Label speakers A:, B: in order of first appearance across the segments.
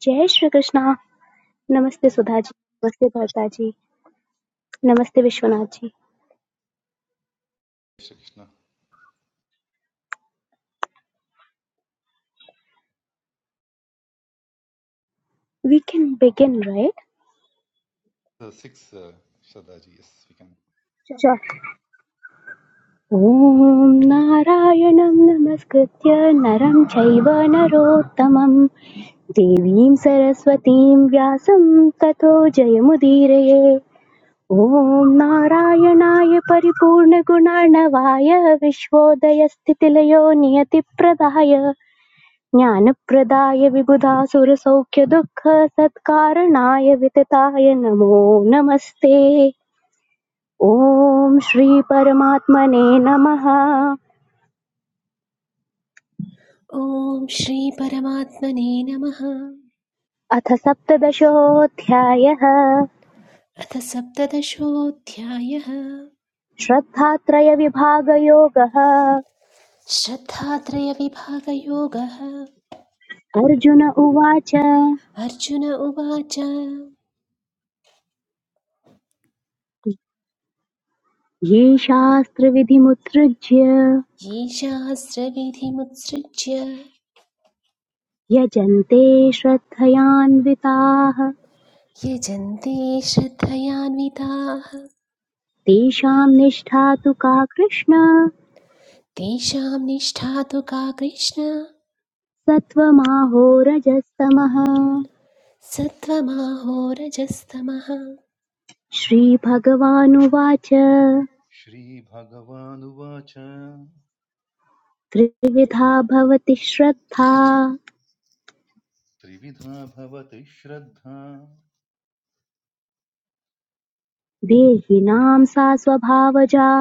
A: जय Shri Krishna. Namaste Sudhaji. Namaste Bhartaji. Namaste Vishwanathji.
B: Shrikrishna
A: We can begin, right?
B: Six Shraddhaji yes we can
A: Sure. ॐ नारायणं नमस्कृत्य नरं चैव नरोत्तमं देवीं सरस्वतीं व्यासं ततो जयमुदीरये ॐ नारायणाय परिपूर्णगुणार्णवाय विश्वोदयस्थितिलयो नियतिप्रदाय ज्ञानप्रदाय विबुधासुरसौख्यदुःखसत्कारणाय वितताय नमो नमस्ते ॐ श्रीपरमात्मने नमः
C: ॐ श्रीपरमात्मने नमः
A: अथ सप्तदशोऽध्यायः
C: अथ सप्तदशोऽध्यायः
A: श्रद्धात्रयविभागयोगः
C: श्रद्धात्रयविभागयोगः
A: अर्जुन उवाच
C: अर्जुन उवाच
A: ये शास्त्रविधिमुत्सृज्य
C: ये शास्त्रविधिमुत्सृज्य
A: यजन्ते श्रद्धयान्विताः
C: यजन्ते श्रद्धयान्विताः
A: तेषां निष्ठा तु का कृष्ण
C: तेषां निष्ठा तु का कृष्ण
A: सत्त्वमाहोरजस्तमः
C: सत्त्वमाहोरजस्तमः
A: श्रीभगवानुवाच
B: श्रीभगवानुवाच
A: त्रिविधा भवति श्रद्धा
B: त्रिविधा भवति श्रद्धा
A: देहिनां सा स्वभावजा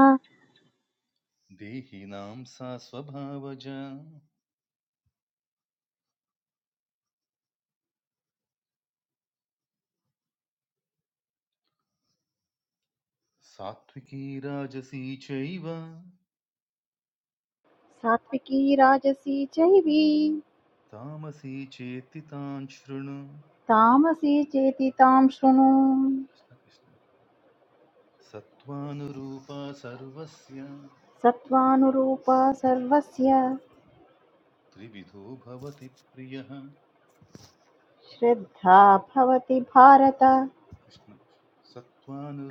B: देहिनां सा स्वभावज सात्विकी राजसी चैव
D: सात्विकी राजसी चाहिवी
B: तामसी चेति तान् शृणु
D: तामसी चेति ताम्सुनो
B: कृष्ण कृष्ण सत्त्वानुरूपा सर्वस्य
D: सत्वानुरूपा सर्वस्य
B: त्रिविधो भवति प्रियः
D: श्रद्धा पवति भारता
B: कृष्ण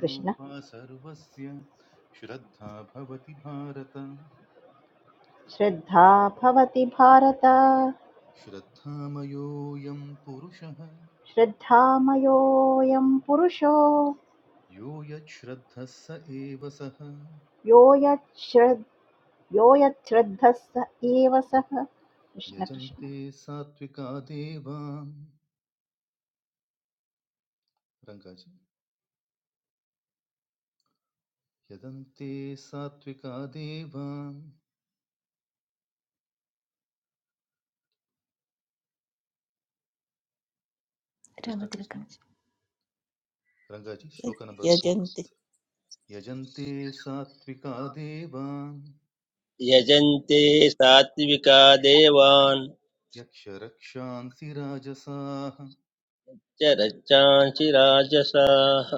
D: कृष्णा
B: सर्वस्य श्रद्धा भवति भारत
D: श्रद्धा पवति भारता
B: श्रद्धामयोऽयं पुरुषः
D: श्रद्धा मायो यम पुरुषो
B: यो यच्छ्रद्धः स एव सः
D: योयत श्रद्धा योयत श्रद्धस्स एवंसा कृष्णा कृष्णा
B: यजन्ते सात्विका देवान् रङ्गाजी यजन्ते सात्विका देवान् कृष्ण कृष्ण
C: रामतिलकम्
B: रङ्गाजी श्लोक नंबर फोर
E: यजन्ति
B: यजन्ते सात्विका देवान्
F: यजन्ते सात्विका देवान्
B: यक्ष रक्षांसि राजसाः
F: च रक्षांसि राजसाः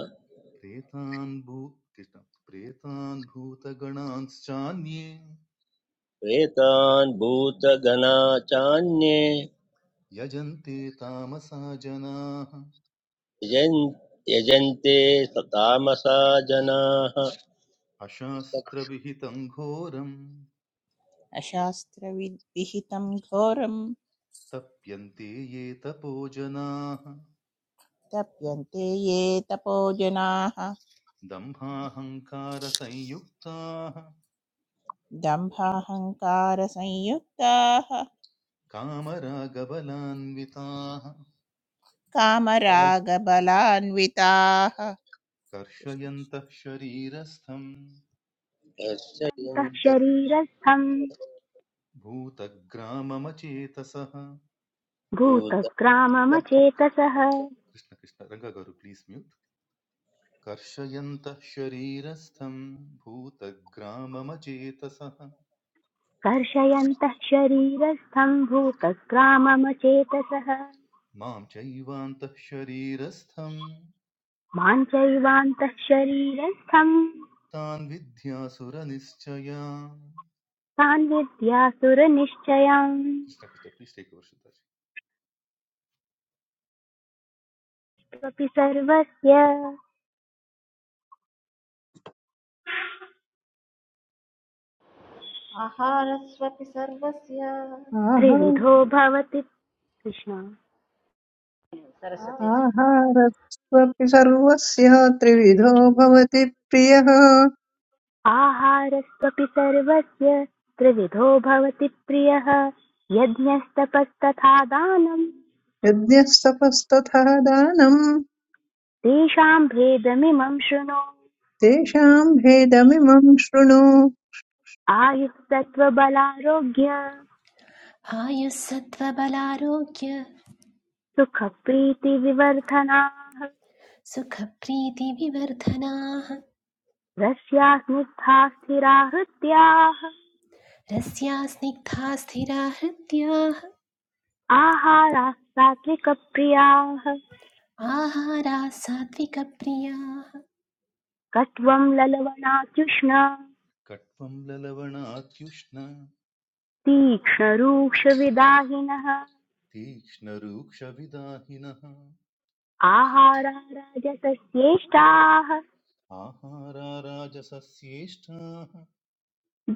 B: प्रेतान् भू कृष्ण प्रेतान् भूतगणांश्चान्ये
F: प्रेतान् भूतगणा चान्ये
B: यजन्ते तामसा जनाः
F: यजन् यजन्ते तामसा जनाः
B: अशास्त्रविहितं घोरं
E: अशास्त्रविहितं घोरं
B: तप्यन्ते ये तपो जनाः
E: तप्यन्ते ये तपो जनाः
B: दम्भाहङ्कारसंयुक्ताः
E: दम्भाहङ्कारसंयुक्ताः
B: कामरागबलान्विताः
E: कामरागबलान्विताः
B: कर्षयन्तः शरीरस्थं
G: सत्तः शरीरस्थम्
B: भूतग्राममचेतसः
G: भूतग्राममचेतसः
B: कृष्ण कृष्ण रङ्गगौरु प्लीस् म्यूट् कर्षयन्तः शरीरस्थं भूतग्राममचेतसः
G: कर्षयन्तः शरीरस्थम् भूतग्राममचेतसः
B: मां चैवान्तः शरीरस्थं
G: मां चैवान्तः शरीरस्थम्
B: तान् विद्यासुरनिश्चयान्
G: तान् विद्यासुरनिश्चयाम्
B: कृष्ण कृष्ण प्लीस् टेक्
G: त्वपि सर्वस्य
D: आहारस्वपि सर्वस्य
H: आहा
G: त्रिविधो भवति कृष्ण
H: आहारस्त्वपि सर्वस्य त्रिविधो भवति प्रियः
G: आहारस्त्वपि सर्वस्य त्रिविधो भवति प्रियः यज्ञस्तपस्तथा दानम्
H: यज्ञः तपस्तथा दानम्
G: तेषाम् भेदमिमम् शृणु
H: तेषाम् भेदमिमम् शृणु
G: आयुस्तत्त्वबलारोग्य
C: आयुः सत्त्वबलारोग्य
G: सुखप्रीतिविवर्धनाः
C: सुखप्रीतिविवर्धनाः
G: रस्या स्निग्धा स्थिरा हृत्याः
C: रस्या स्निग्धा स्थिरा हृत्याः
G: आहाराः सात्विकप्रियाः
C: आहाराः सात्विकप्रियाः
G: कट्वं ललवणात्युष्णा
B: कट्वं ललवणात्युष्ण
G: तीक्ष्णरूक्षविदाहिनः
B: तीक्ष्णरूक्षविदाहिनः
G: आहारा राजसस्येष्टाः
B: आहाराराजसस्येष्टाः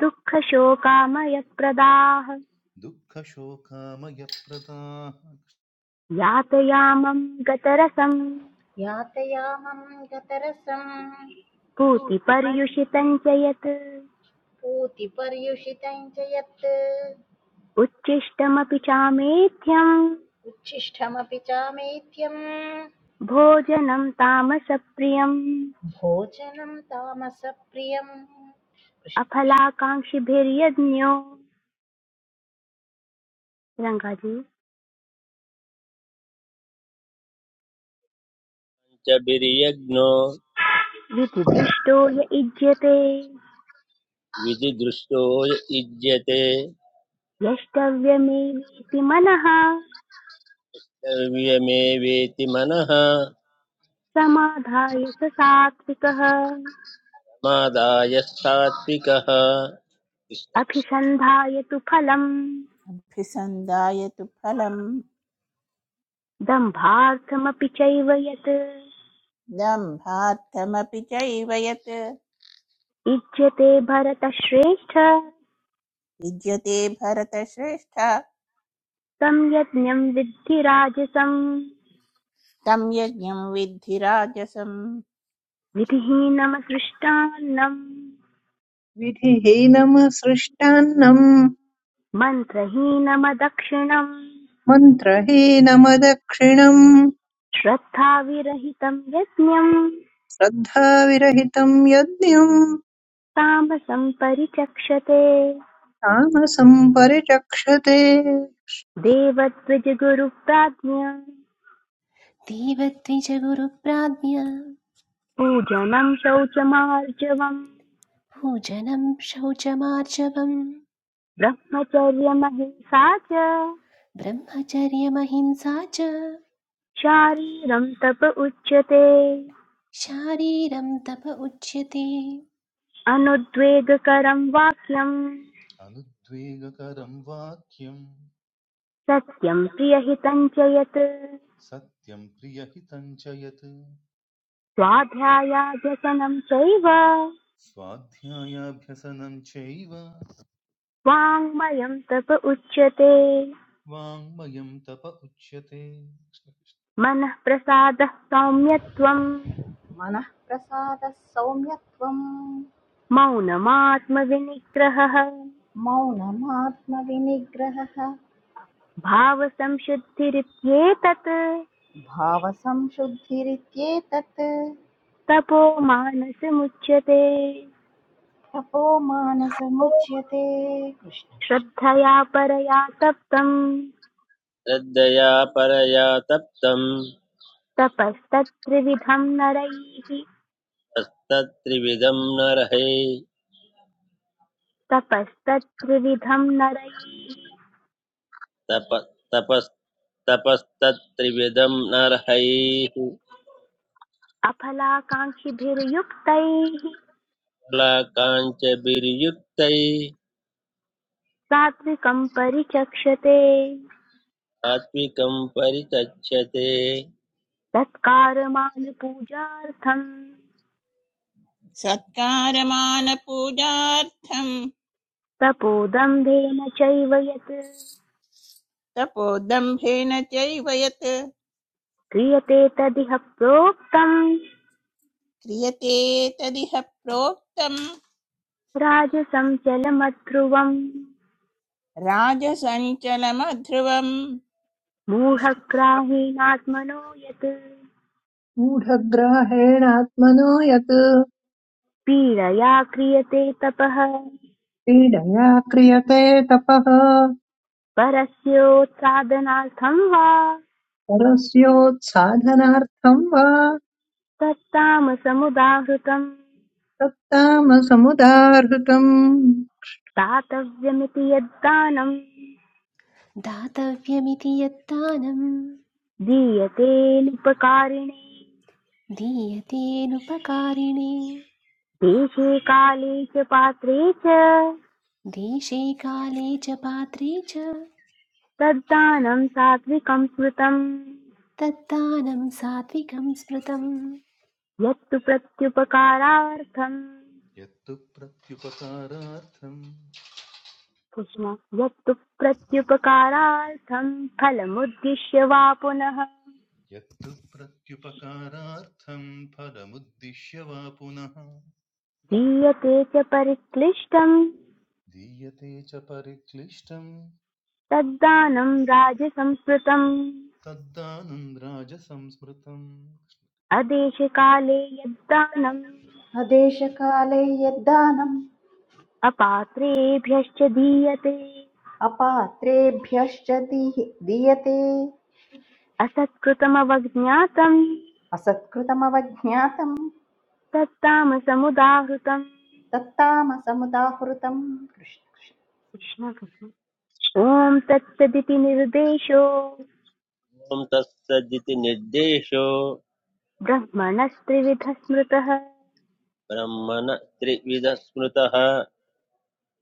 G: दुःखशोकामयप्रदाः
B: दुःखशोकामयप्रदाः
G: यातयामं गतरसं
D: याते यमं कतरसम पुत्री पर्यु
G: पूतिपर्युषितं च यत्
D: पूतिपर्युषितम् च यत्
G: उच्छिष्टमपि चामेध्यम्
D: उच्छिष्टमपि चामेत्यम्
G: भोजनं तामसप्रियम्
D: भोजनम् तामसप्रियम्
G: अफलाकाङ्क्षिभिर्यज्ञो रङ्गाजी
F: च बिर्यज्ञो
G: विधिदृष्टो य इज्यते
F: विधिदृष्टो युज्यते
G: यष्टव्यमेवेति मनः
F: द्रव्यमेवेति मनः
G: समाधाय स सात्विकः
F: मादाय सात्विकः
G: अभिसन्धाय तु फलम्
E: कृष्णकृष्णाभिसन्धाय तु फलं
G: दम्भार्थमपि चैव यत्
E: दम्भार्थमपि चैव यत्
G: इज्यते भरतश्रेष्ठ
E: विद्यते भरतश्रेष्ठ
G: तं यज्ञं विद्धि राजसम्
E: तं यज्ञं विद्धि राजसम्
G: विधिहीनमसृष्टान्नम्
H: विधिहीनमसृष्टान्नम्
G: मन्त्रहीनमदक्षिणम्
H: मन्त्रहीनमदक्षिणम्
G: श्रद्धाविरहितम् यज्ञम्
H: श्रद्धाविरहितम् यज्ञम्
G: तामसम् परिचक्षते
H: तामसम् परिचक्षते
G: देवद्विजगुरुप्राज्ञा
C: देवद्विजगुरुप्राज्ञा
G: पूजनम् शौचमार्जवम्
C: भोजनं शौचमार्जवम्
G: ब्रह्मचर्यमहिंसा च
C: ब्रह्मचर्यमहिंसा च
G: शारीरम् तप उच्यते
C: शारीरं तप उच्यते
G: अनुद्वेगकरम् वाक्यम्
B: अनुद्वेगकरं वाक्यम्
G: सत्यम् प्रियहितम् च यत्
B: सत्यं प्रियहितं च यत्
G: स्वाध्यायाध्यसनं चैव
B: स्वाध्यायाभ्यसनं चैव
G: वाङ्मयं तप उच्यते
B: वाङ्मयं तप उच्यते
G: मनः प्रसादः सौम्यत्वम्
D: मनः प्रसादः सौम्यत्वम्
G: मौनमात्मविनिग्रहः
D: मौनमात्मविनिग्रहः
G: भावसंशुद्धिरित्येतत्
D: भावसंशुद्धिरित्येतत्
G: तपो मानसमुच्यते
D: तपो मानसमुच्यते कृष्ण कृष्ण
G: श्रद्धया परया तप्तम्
F: श्रद्धया परया तप्तं
G: तपस्तत्त्रिविधं नरैः
F: तपस्तत्त्रिविधं नरहै
G: तपस्तत्त्रिविधं नरैः
F: तप तपस् तपस्तत्त्रिविधं नरहैः
G: अफलाकाङ्क्षिभिर्युक्तैः
F: फलाकाञ्चभिर्युक्तै
G: सात्विकं परिचक्षते
F: सात्विकं परिचक्षते
G: तत्कारमान पूजार्थं
E: सत्कारमानपूजार्थम्
G: तपोदम्भेन चैव यत्
E: तपोदम्भेन चैव यत्
G: क्रियते तदिह प्रोक्तम्
E: क्रियते तदिह प्रोक्तम्
G: राजसं चलमध्रुवम्
E: राजसञ्चलमध्रुवम्
G: मूढग्राहीणात्मनो यत्
H: मूढग्राहेणात्मनो यत्
G: पीडया क्रियते तपः
H: पीडया क्रियते तपः
G: परस्योत्सादनार्थं वा
H: परस्योत्साधनार्थं वा
G: तत्तामसमुदाहृतम्
H: तत्तामसमुदाहृतम्
G: दातव्यमिति यद्दानम्
C: दातव्यमिति यत्तानं
G: दीयतेऽनुपकारिणे
C: दीयतेनुपकारिणे
G: देशे काले च पात्रे च
C: देशे काले च पात्रे च
G: तद्दानं सात्विकं स्मृतम्
C: तत्तानं सात्विकं स्मृतम्
G: यत्तु प्रत्युपकारार्थम्
B: यत्तु प्रत्युपकारार्थं
G: कृष्ण यत्तु प्रत्युपकारार्थं फलमुद्दिश्य वा पुनः
B: यत्तु प्रत्युपकारार्थं फलमुद्दिश्य वा पुनः
G: दीयते च परिक्लिष्टम्
B: दीयते च परिक्लिष्टं
G: तद्दानं राजसंस्कृतम्
B: तद्दानं राजसंस्मृतम्
G: अदेशकाले यद्दानम्
D: अदेशकाले यद्दानम्
G: अपात्रेभ्यश्च दीयते
D: अपात्रेभ्यश्च दीहि- दीयते
G: असत्कृतमवज्ञातं
D: असत्कृतमवज्ञातम्
G: तत्तामसमुदाहृतम्
D: तत्तामसमुदाहृतम् कृष्ण कृष्ण।
G: ॐ तत्सदिति निर्देशो
F: ॐ तत्सदिति निर्देशो
G: ब्रह्मणस्त्रिविधः स्मृतः
F: ब्रह्मण त्रिविधः स्मृतः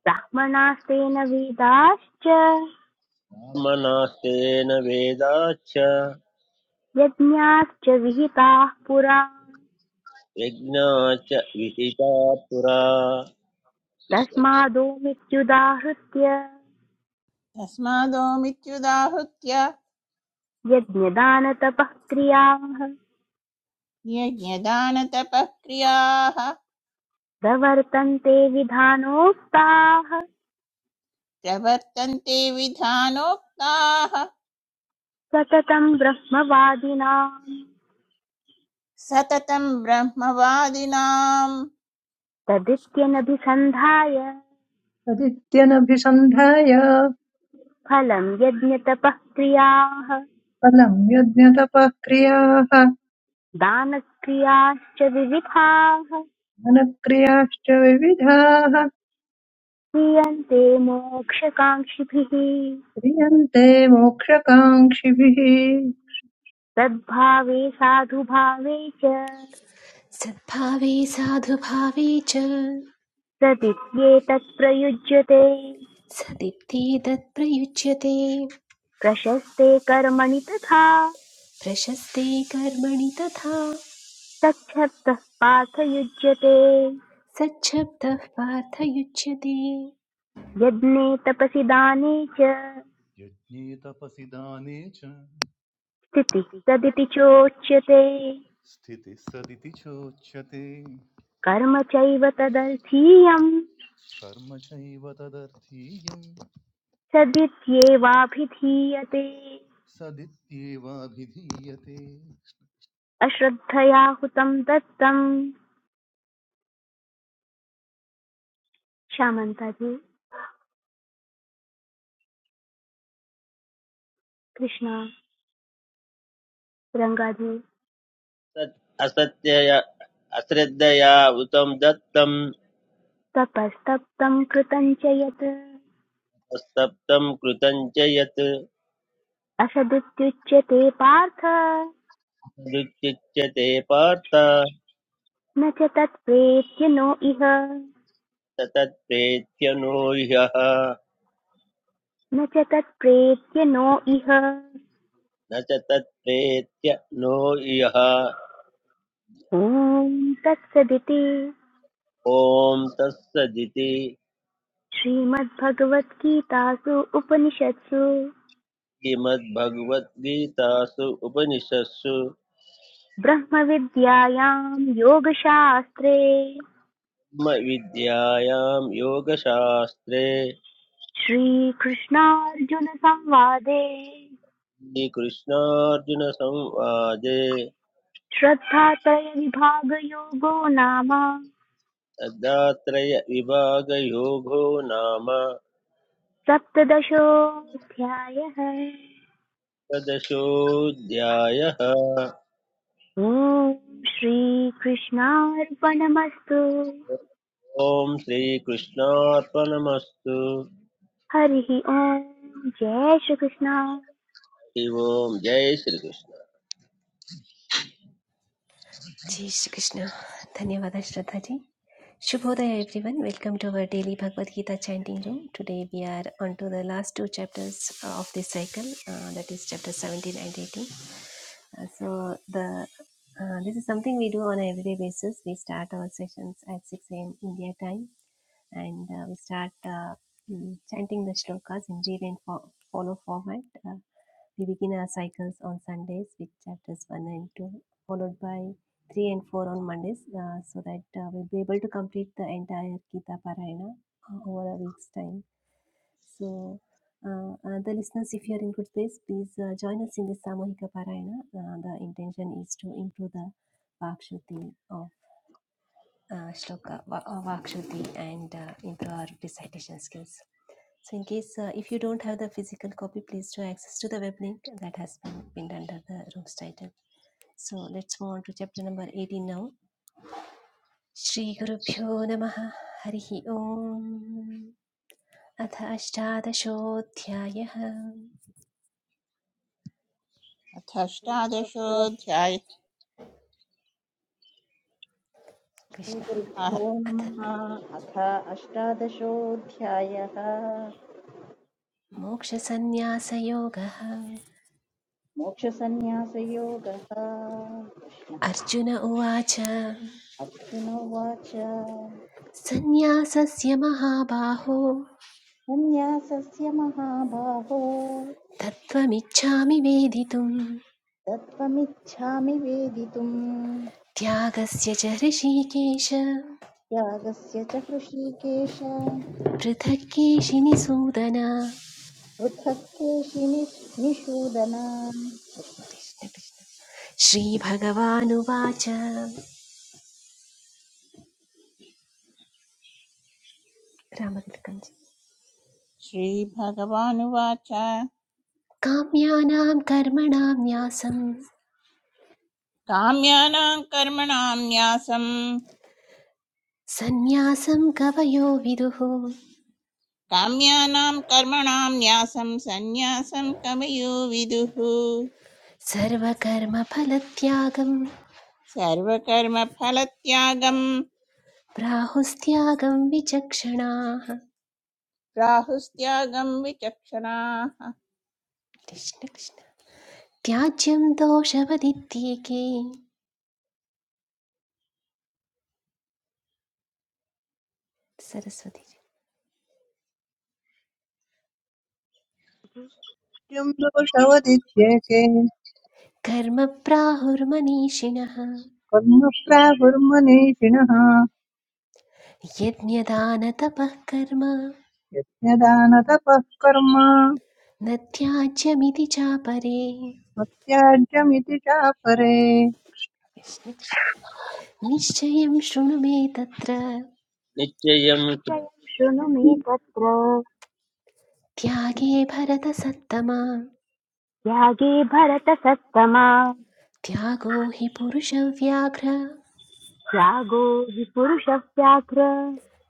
G: ब्राह्मणास्तेन वेदाश्च
F: ब्रह्मणास्तेन वेदाच्च
G: यज्ञाश्च विहिताः पुरा
F: यज्ञाच्च विहिता पुरा कृष्ण कृष्ण।
G: तस्मादोमित्युदाहृत्य
E: तस्मादो मित्युदाहृत्य
G: यज्ञदानतपः क्रियाः
E: यज्ञदानतपः क्रियाः
G: प्रवर्तन्ते विधानोक्ताः
E: प्रवर्तन्ते विधानोक्ताः
G: सततं ब्रह्मवादिनाम्
E: सततम् ब्रह्मवादिनाम्
G: तदित्यनभिसन्धाय
H: तदित्यनभिसन्धाय
G: फलं यज्ञतपःक्रियाः
H: फलम् यज्ञतपः क्रियाः
G: दानक्रियाश्च विविधाः
H: मनक्रियाश्च विविधाः
G: क्रियन्ते मोक्षकाङ्क्षिभिः
H: क्रियन्ते मोक्षकाङ्क्षिभिः नित्यं
G: सद्भावे साधुभावे च
C: सद्भावे साधुभावे च
G: तदित्येतत् प्रयुज्यते
C: सदीप्ति तत्प्रयुज्यते
G: प्रशस्ते कर्मणि तथा
C: प्रशस्ते कर्मणि तथा
G: तच्छब्दः पार्थयुज्यते
C: सच्छब्दः पार्थयुज्यते
G: यज्ञे तपसि दाने च
B: यज्ञे तपसि दाने च
G: स्थितिः
B: स्थिति
G: तदिति
B: सदिति
G: चोच्यते
B: चोच्यते स्थितिः सदिति चोच्यते
G: कर्म
B: कर्म
G: चैव तदर्थीयम्
B: कर्म चैव तदर्थीयं
G: सदित्येवाभिधीयते
B: सदित्येवाभिधीयते
G: अश्रद्धया हुतं दत्तं श्यामन्तादि कृष्ण रङ्गादि
F: तत् असत्यय अश्रद्धया उतं दत्तं
G: तपस्तप्तं कृतं च यत्
F: तत्सप्तं कृतं च यत्
G: असदित्युच्यते पार्थ
F: तदुच्युच्यते पार्थ
G: न च तत् प्रेत्य नो इह
F: स तत्प्रेत्य नो ह्यः
G: न च तत् प्रेत्य नो इह
F: न च तत्प्रेत्य नो ह्यः
G: ॐ तत्सदिति
F: ॐ तत्सदिति
G: श्रीमद्भगवद्गीतासु उपनिषत्सु
F: श्रीमद्भगवद्गीतासु उपनिषत्सु
G: ब्रह्मविद्यायां योगशास्त्रे
F: ब्रह्मविद्यायां योगशास्त्रे
G: श्रीकृष्णार्जुन संवादे
F: श्रीकृष्णार्जुनसंवादे
G: श्रद्धात्रय विभाग योगो नाम
F: तदात्रयविभागयोगो नाम
G: सप्तदशोऽध्यायः
F: तदशोऽध्यायः
G: ॐ श्रीकृष्णार्पणमस्तु
F: ॐ श्रीकृष्णार्पणमस्तु
G: हरिः ॐ जय श्रीकृष्ण
F: हरि ओम् जय श्रीकृष्ण
C: जय श्री कृष्ण धन्यवाद श्रद्धा जी Shubhodaya everyone. Welcome to our daily Bhagavad Gita chanting room. Today we are on to the last two chapters of this cycle, uh, that is chapter 17 and 18. Uh, so the uh, this is something we do on an everyday basis. We start our sessions at 6 a.m. India time and uh, we start uh, mm, chanting the shlokas in read and fo- follow format. Uh, we begin our cycles on Sundays with chapters 1 and 2, followed by 3 and 4 on Mondays, uh, so that uh, we'll be able to complete the entire Gita Parayana uh, over a week's time. So, uh, uh, the listeners, if you are in good space, please uh, join us in this Samohika Parayana. Uh, the intention is to improve the Vakshuti of uh, Shloka, Va- uh, Vakshuti, and uh, improve our recitation skills. So in case uh, if you don't have the physical copy, please do access to the web link that has been pinned under the room's title. So let's move on to chapter number 18 now. Shri Gurubhyo Namaha Harihi Om अथ अष्टादशोऽध्यायः
E: अथ
D: श्रीगुरुभ्यो
E: अष्टादशोऽध्याय
C: कृष्ण
E: आह,
D: श्रीगुरुभ्यो
C: अथ
D: नमः अथ अष्टादशोऽध्यायः
C: मोक्षसन्न्यासयोगः
D: मोक्षसन्न्यासयोगः कृष्ण
C: अर्जुन उवाच
D: अर्जुन उवाच
C: सन्न्यासस्य महाबाहो
D: सन्न्यासस्य महाबाहो
C: तत्त्वमिच्छामि वेदितुम्
D: तत्त्वमिच्छामि वेदितुम्
C: Veditum च ऋषिकेश
D: त्यागस्य च हृषीकेश
C: पृथक्केशिनि सूदन
D: पृथक् केशिनि निषूदन
C: श्रीभगवानुवाच रामतिलकञ्च
E: श्रीभगवानुवाच
C: काम्यानां कर्मणां न्यासं
E: काम्यानां कर्मणां न्यासम्
C: सन्न्यासं कवयो विदुः
E: काम्यानां कर्मणां न्यासं सन्न्यासं कमयो विदुः
C: सर्वकर्मफलत्यागं
E: सर्वकर्मफलत्यागं
C: प्राहुस्त्यागं विचक्षणाः
E: राहुस्त्यागं विचक्षणाः
C: कृष्ण कृष्ण त्याज्यं दोषवदित्येके सरस्वती
H: दोषवदित्येके
C: कर्म प्राहुर्मनीषिणः
H: कर्म प्राहुर्मनीषिणः
C: यज्ञदानतपः कर्म
H: यज्ञदानतपः कर्म
C: न त्याज्यमिति चापरे
H: मत्याज्यमिति चापरे
C: कृष्ण कृष्ण। निश्चयं शृणु मे तत्र
F: निश्चयं
G: जयं शृणु मे तत्र
C: त्यागे भरतसत्तमा
G: त्यागे भरतसत्तमा
C: त्यागो हि पुरुषव्याघ्र
G: त्यागो हि पुरुषव्याघ्र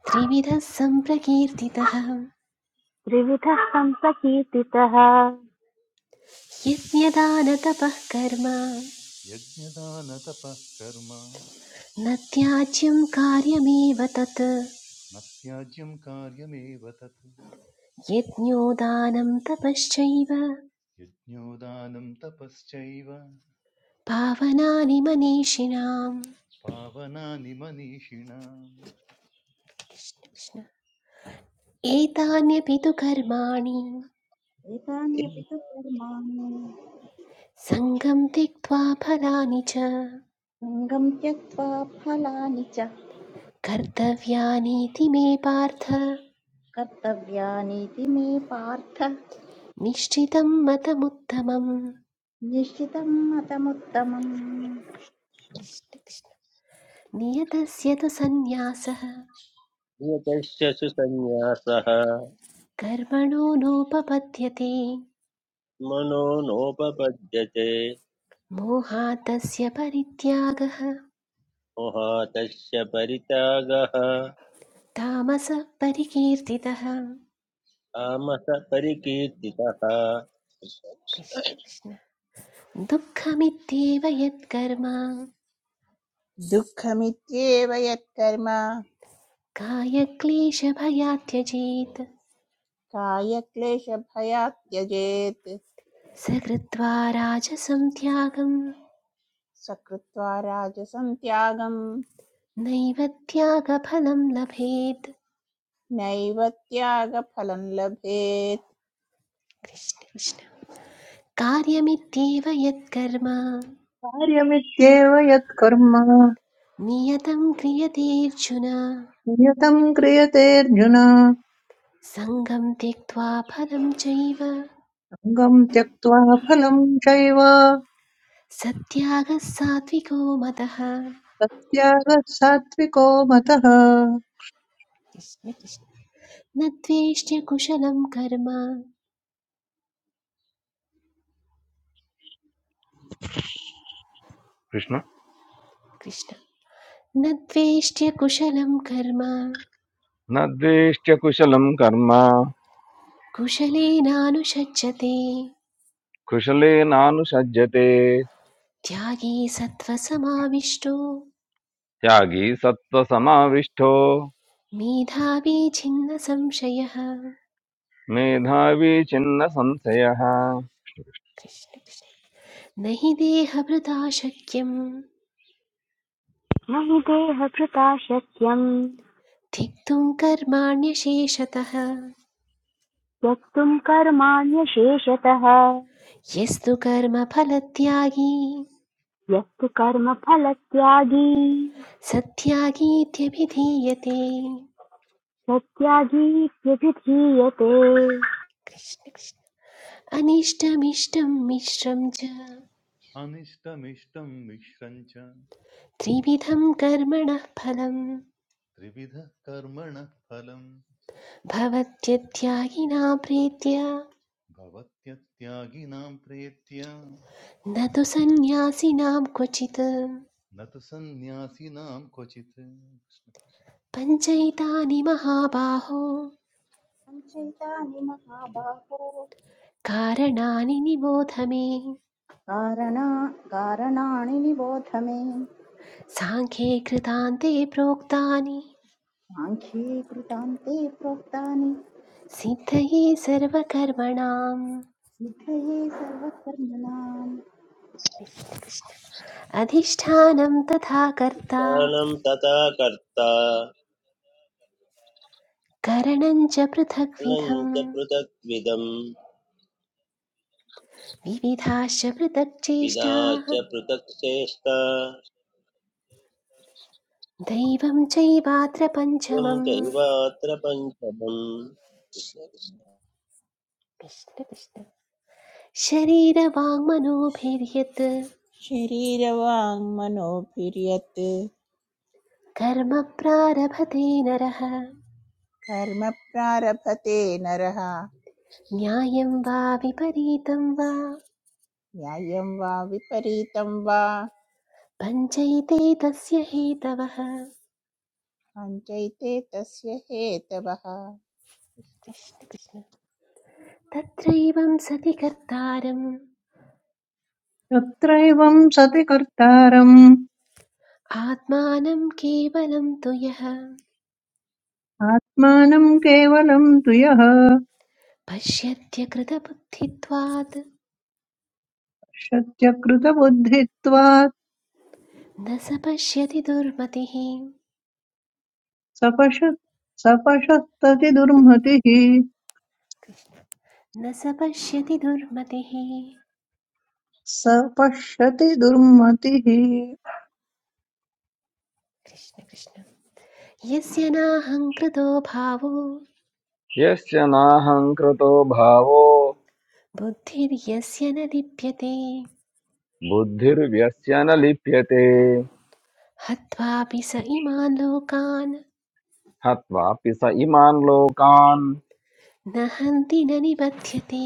C: त्रिविधः सम्प्रकीर्तितः
G: त्रिविधः संसकीर्तितः
C: यज्ञदानतपः कर्म
B: यज्ञदानतपः कर्म
C: न त्याज्यं कार्यमेव तत्
B: न त्याज्यं कार्यमेव तत्
C: यज्ञो दानं तपश्चैव
B: यज्ञोदानं तपश्चैव
C: पावनानि मनीषिणाम्
B: पावनानि मनीषिणाम्
C: कृष्ण कृष्ण। एतान्यपि तु कर्माणि
D: एतान्यपि तु कर्माणि
C: सङ्गं त्यक्त्वा फलानि च
D: सङ्गं त्यक्त्वा फलानि च
C: कर्तव्यानीति मे पार्थ
D: कर्तव्यानीति मे पार्थ
C: निश्चितं मतमुत्तमम्
D: निश्चितं मतमुत्तमम्
C: नियतस्य तु सन्न्यासः
F: नियतस्य सुसन्न्यासः
C: कर्मणो नोपपद्यते
F: मनो नोपपद्यते
C: मोहातस्य परित्यागः
F: मोहातस्य परित्यागः
C: तामसः परिकीर्तितः
F: तामस परिकीर्तितः
C: कृष्ण कृष्ण दुःखमित्येव यत्कर्म
E: दुःखमित्येव यत्कर्म
C: कायक्लेशभयात् त्यजेत्
E: कायक्लेशभयात् त्यजेत्
C: स कृत्वा राजसं त्यागम्
E: सकृत्वा राजसं त्यागं
C: नैव त्यागफलं लभेत्
E: नैव त्यागफलं लभेत्
C: कृष्ण कृष्ण कार्यमित्येव यत्कर्म
H: कार्यमित्येव यत्कर्म
C: नियतं क्रियतेऽर्जुन
H: नियतं क्रियतेऽर्जुन
C: सङ्गं त्यक्त्वा फलं चैव
H: सङ्गम् त्यक्त्वा फलं चैव
C: सत्यागः सात्विको मतः
H: तत्यागः सात्विको मतः
C: कृष्ण कृष्ण न द्वेष्ट्य कुशलं कर्म
I: कृष्ण
C: कृष्ण न द्वेष्ट्य कुशलं कर्म
I: न द्वेष्ट्य कुशलं कर्म
C: कुशलेनानुषज्यते
I: कुशलेनानुसज्जते
C: त्यागी सत्त्वसमाविष्टो
I: त्यागी सत्त्वसमाविष्टो
C: मेधावी छिन्न संशयः
I: मेधावी छिन्न संशयः
C: कृष्ण कृष्ण। न हि देहभृता शक्यं
G: न हि देहभृता शक्यम्
C: धिक्तुं कर्माण्यशेषतः
G: त्यक्तुं कर्माण्यशेषतः
C: यस्तु कर्मफलत्यागी
G: यः तु कर्मफलत्यागी
C: सत्यागीत्यभिधीयते
G: स त्यागीत्यभिधीयते
C: कृष्ण कृष्ण। अनिष्टमिष्टं मिश्रं च
B: अनिष्टमिष्टं मिश्रं च
C: त्रिविधं कर्मणः फलं
B: त्रिविधः कर्मणः फलम्
C: भवत्यत्यागिना प्रीत्य
B: भवत्यत्यागिनां प्रेत्य
C: न तु सन्न्यासिनां क्वचित्
B: न तु सन्न्यासिनां क्वचित्
C: पञ्चैतानि
D: पञ्चैतानि महाबाहो
C: कारणानि निबोध मे
D: कारणा कारणानि निबोध मे
C: साङ्ख्ये कृतान्ते प्रोक्तानि
D: साङ्ख्ये कृतान्ते प्रोक्तानि
C: सिद्धये सर्वकर्मणाम्
D: विधये सर्वकर्मणाम्
C: अधिष्ठानं तथा कर्ता
F: ज्ञानं तथा कर्ता
C: करणं च
F: ज्ञानं
C: पृथग्विधम्
F: च पृथक्विदम्
C: विविधाश्च पृथक्
F: विदा
C: चेष्टाः
F: च पृथक् चेष्टा
C: दैवं चैवात्र
F: स्वं
C: पञ्चमम्
F: चैवात्र पञ्चमम्
C: कृष्ण कृष्ण शरीरवाङ्मनोभिर्यत्
E: शरीरवाङ्मनोभिर्यत्
C: कर्म प्रारभते नरः
E: कर्म प्रारभते नरः
C: न्यायं वा विपरीतं वा
E: न्यायं वा विपरीतं वा
C: पञ्चैते तस्य हेतवः
E: भञ्जैते तस्य हेतवः
C: कृष्ण कृष्ण तत्रैवं सति कर्तारम्
H: तत्रैवं सति कर्तारम्
C: आत्मानं केवलं तु यः
H: आत्मानं केवलं तु यः
C: पश्यत्यकृतबुद्धित्वात्
H: शत्यकृतबुद्धित्वात्
C: न स पश्यति दुर्मतिः
H: सपश सपशस्तति दुर्मतिः
C: कृष्ण न स पश्यति दुर्मतिः
H: सपश्यति दुर्मतिः
C: कृष्ण कृष्ण यस्य नाहङ्कृतो भावो
I: यस्य नाहङ्कृतो भावो
C: बुद्धिर्यस्य न लिप्यते
I: बुद्धिर्व्यस्य न लिप्यते
C: हत्वापि स इमान् लोकान्
I: हत्वापि स इमान् लोकान्
C: न हन्ति न निबध्यते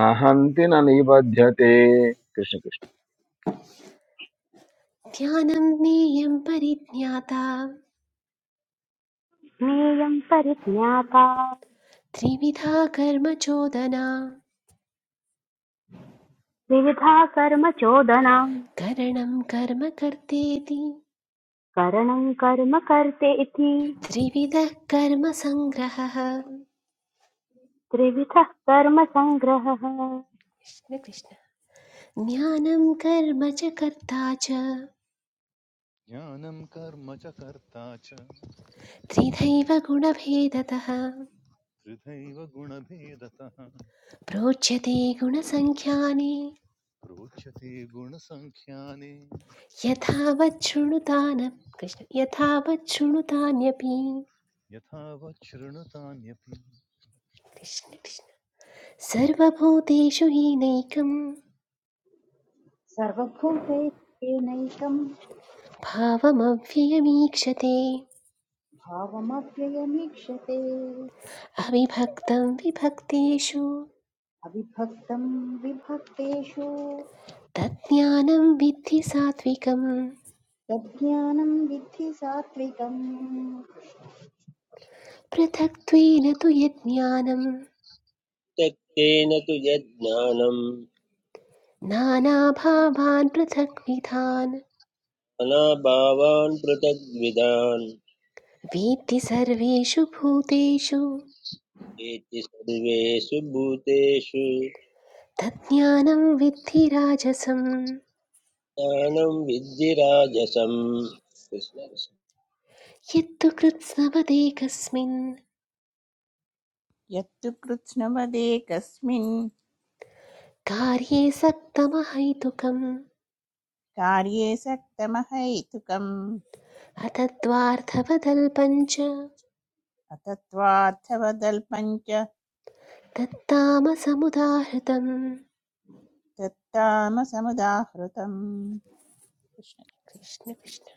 I: न हन्ति न निबध्यते कृष्ण कृष्ण
C: ध्यानं ज्ञेयं परिज्ञाता
G: ज्ञेयं परिज्ञाता
C: त्रिविधा कर्म चोदना
G: त्रिविधा कर्म चोदना
C: करणं कर्म कर्तेति
G: करणं कर्म कर्तेति
C: त्रिविधः कर्म सङ्ग्रहः
G: त्रिविधः कर्म सङ्ग्रहः
C: कृष्ण कृष्ण ज्ञानं कर्म च कर्ता च
B: ज्ञानं कर्म च कर्ता च
C: त्रिधैव गुणभेदतः
B: त्रिधैव गुणभेदतः
C: प्रोच्यते गुणसङ्ख्यानि
B: प्रोच्यते गुणसङ्ख्याने
C: यथावत् शृणुतान कृष्ण यथावत् शृणुतान्यपि
B: यथावत् शृणुतान्यपि
C: कृष्ण कृष्ण सर्वभूतेषु हीनैकम्
D: सर्वभूतेनैकं
C: भावमव्ययमीक्षते
D: भावमव्ययमीक्षते
C: अविभक्तं विभक्तेषु
D: अविभक्तं विभक्तेषु
C: तज्ज्ञानं विद्धि सात्विकम्
D: तज्ज्ञानं विद्धि सात्विकम्
C: पृथक्त्वेन तु यज्ञानं
F: त्यक्तेन तु यज्ञानम्
C: नानाभावान् पृथक्विधान्
F: अनाभावान् पृथग्विदान्
C: वेत्ति सर्वेषु भूतेषु
F: एति सर्वेषु भूतेषु
C: तज्ज्ञानं विद्धि राजसं
F: ज्ञानं विद्धिराजसम्
C: यत्तु कृत्स्नवदेकस्मिन्
E: यत्तु कृत्स्नवदेकस्मिन्
C: कार्ये सक्तमहैतुकम्
E: कार्ये सक्तमहैतुकम्
C: अतत्त्वार्थवदल्पञ्च
E: अतत्त्वार्थवदल्पम् च
C: तत्तामसमुदाहृतं
E: तत्तामसमुदाहृतम् कृष्ण
C: कृष्ण कृष्ण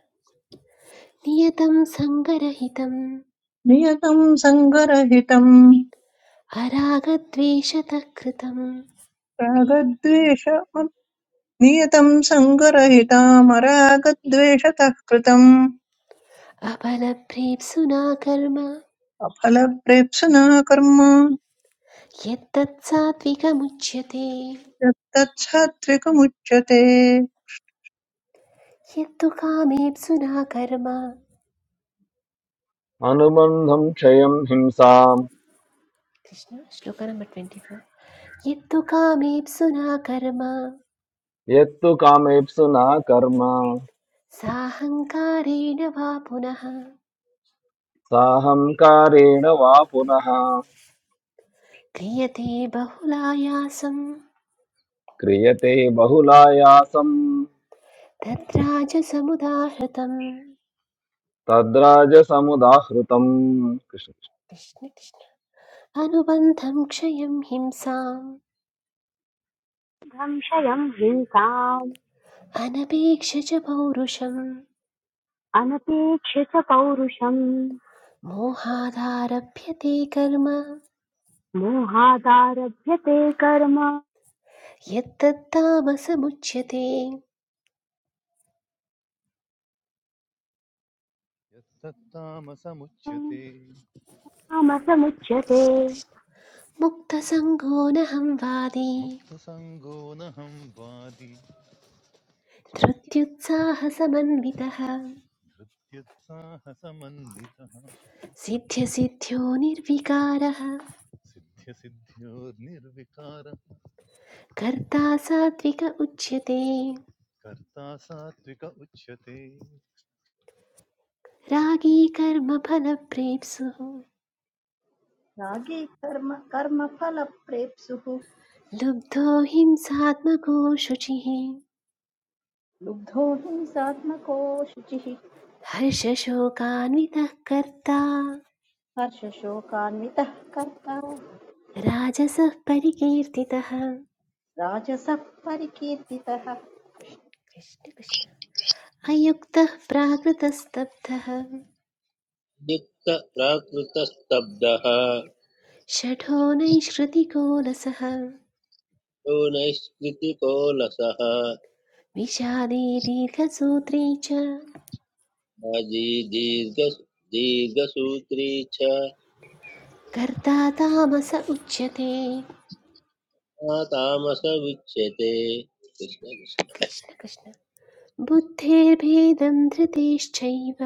C: नियतं सङ्गरहितम्
H: नियतं सङ्गरहितं
C: अरागद्वेषतः कृतम्
H: रागद्वेष नियतं सङ्गरहितामरागद्वेषतः कृतम्
C: अबलभ्रेप्सुना कर्म
H: अफलप्रेप्सुना कर्म
C: यत्तत् सात्विकमुच्यते
H: यत्तच्छात्विकमुच्यते
C: यत्तु कामेप्सुना कर्म
I: अनुबन्धं क्षयं हिंसाम्
C: Krishna shloka number twenty four यत्तु कामेप्सुना कर्म
I: यत्तु कामेप्सु न कर्म
C: साहङ्कारेण वा पुनः
I: సాహం కారేణ వా పునహా
C: क्रियते बहुलायासं
I: క్రియతే బహులాయాసం
C: तद्राजसमुदाहृतम्
I: తద్ రాజ సముదా ఖ్రుతం
C: कृष्ण कृष्ण अनुबन्धं क्षयं हिंसाम्
G: संशयं हिंसाम्
C: अनपेक्ष च पौरुषम्
G: अनपेक्ष च पौरुषम्
C: मोहादारभ्यते कर्म
G: मोहादारभ्यते कर्म
C: यत्तत्तामसमुच्यते
B: यत्तत्तामसमुच्यते
G: नामसमुच्यते
C: कृष्ण कृष्ण मुक्तसङ्गो न वादी
B: मुक्तसङ्गो नहं वादी
C: धृत्युत्साहसमन्वितः
B: धृत्युत्साहसमन्वितः
C: सिद्ध्यसिद्ध्यो निर्विकारः
B: सिद्ध्यसिद्ध्योर्निर्विकार
C: कर्ता सात्विक उच्यते
B: कर्ता सात्विक उच्यते
C: रागी कर्मफलप्रेप्सुः
D: रागे कर्म कर्मफलप्रेप्सुः
C: लुब्धो हिंसात्मको शुचिः
D: लुब्धो हिंसात्मको शुचिः
C: हर्षशोकान्वितः कर्ता
D: हर्षशोकान्वितः कर्ता
C: राजसः परिकीर्तितः
D: राजसः परिकीर्तितः
C: कृष्ण कृष्ण अयुक्तः प्राकृतस्तब्धः
F: युक्त प्राकृतस्तब्धः
C: षठो नैष्कृतिकोलसः
F: यो नैष्कृतिको लसः
C: विषादी दीर्घसूत्री च
F: आजी दीर्घ दीर्घसूत्री च
C: कर्ता तामस उच्यते
F: सा तामस उच्यते कृष्ण कृष्ण
C: कृष्ण कृष्ण बुद्धेर्भेदं धृतेश्चैव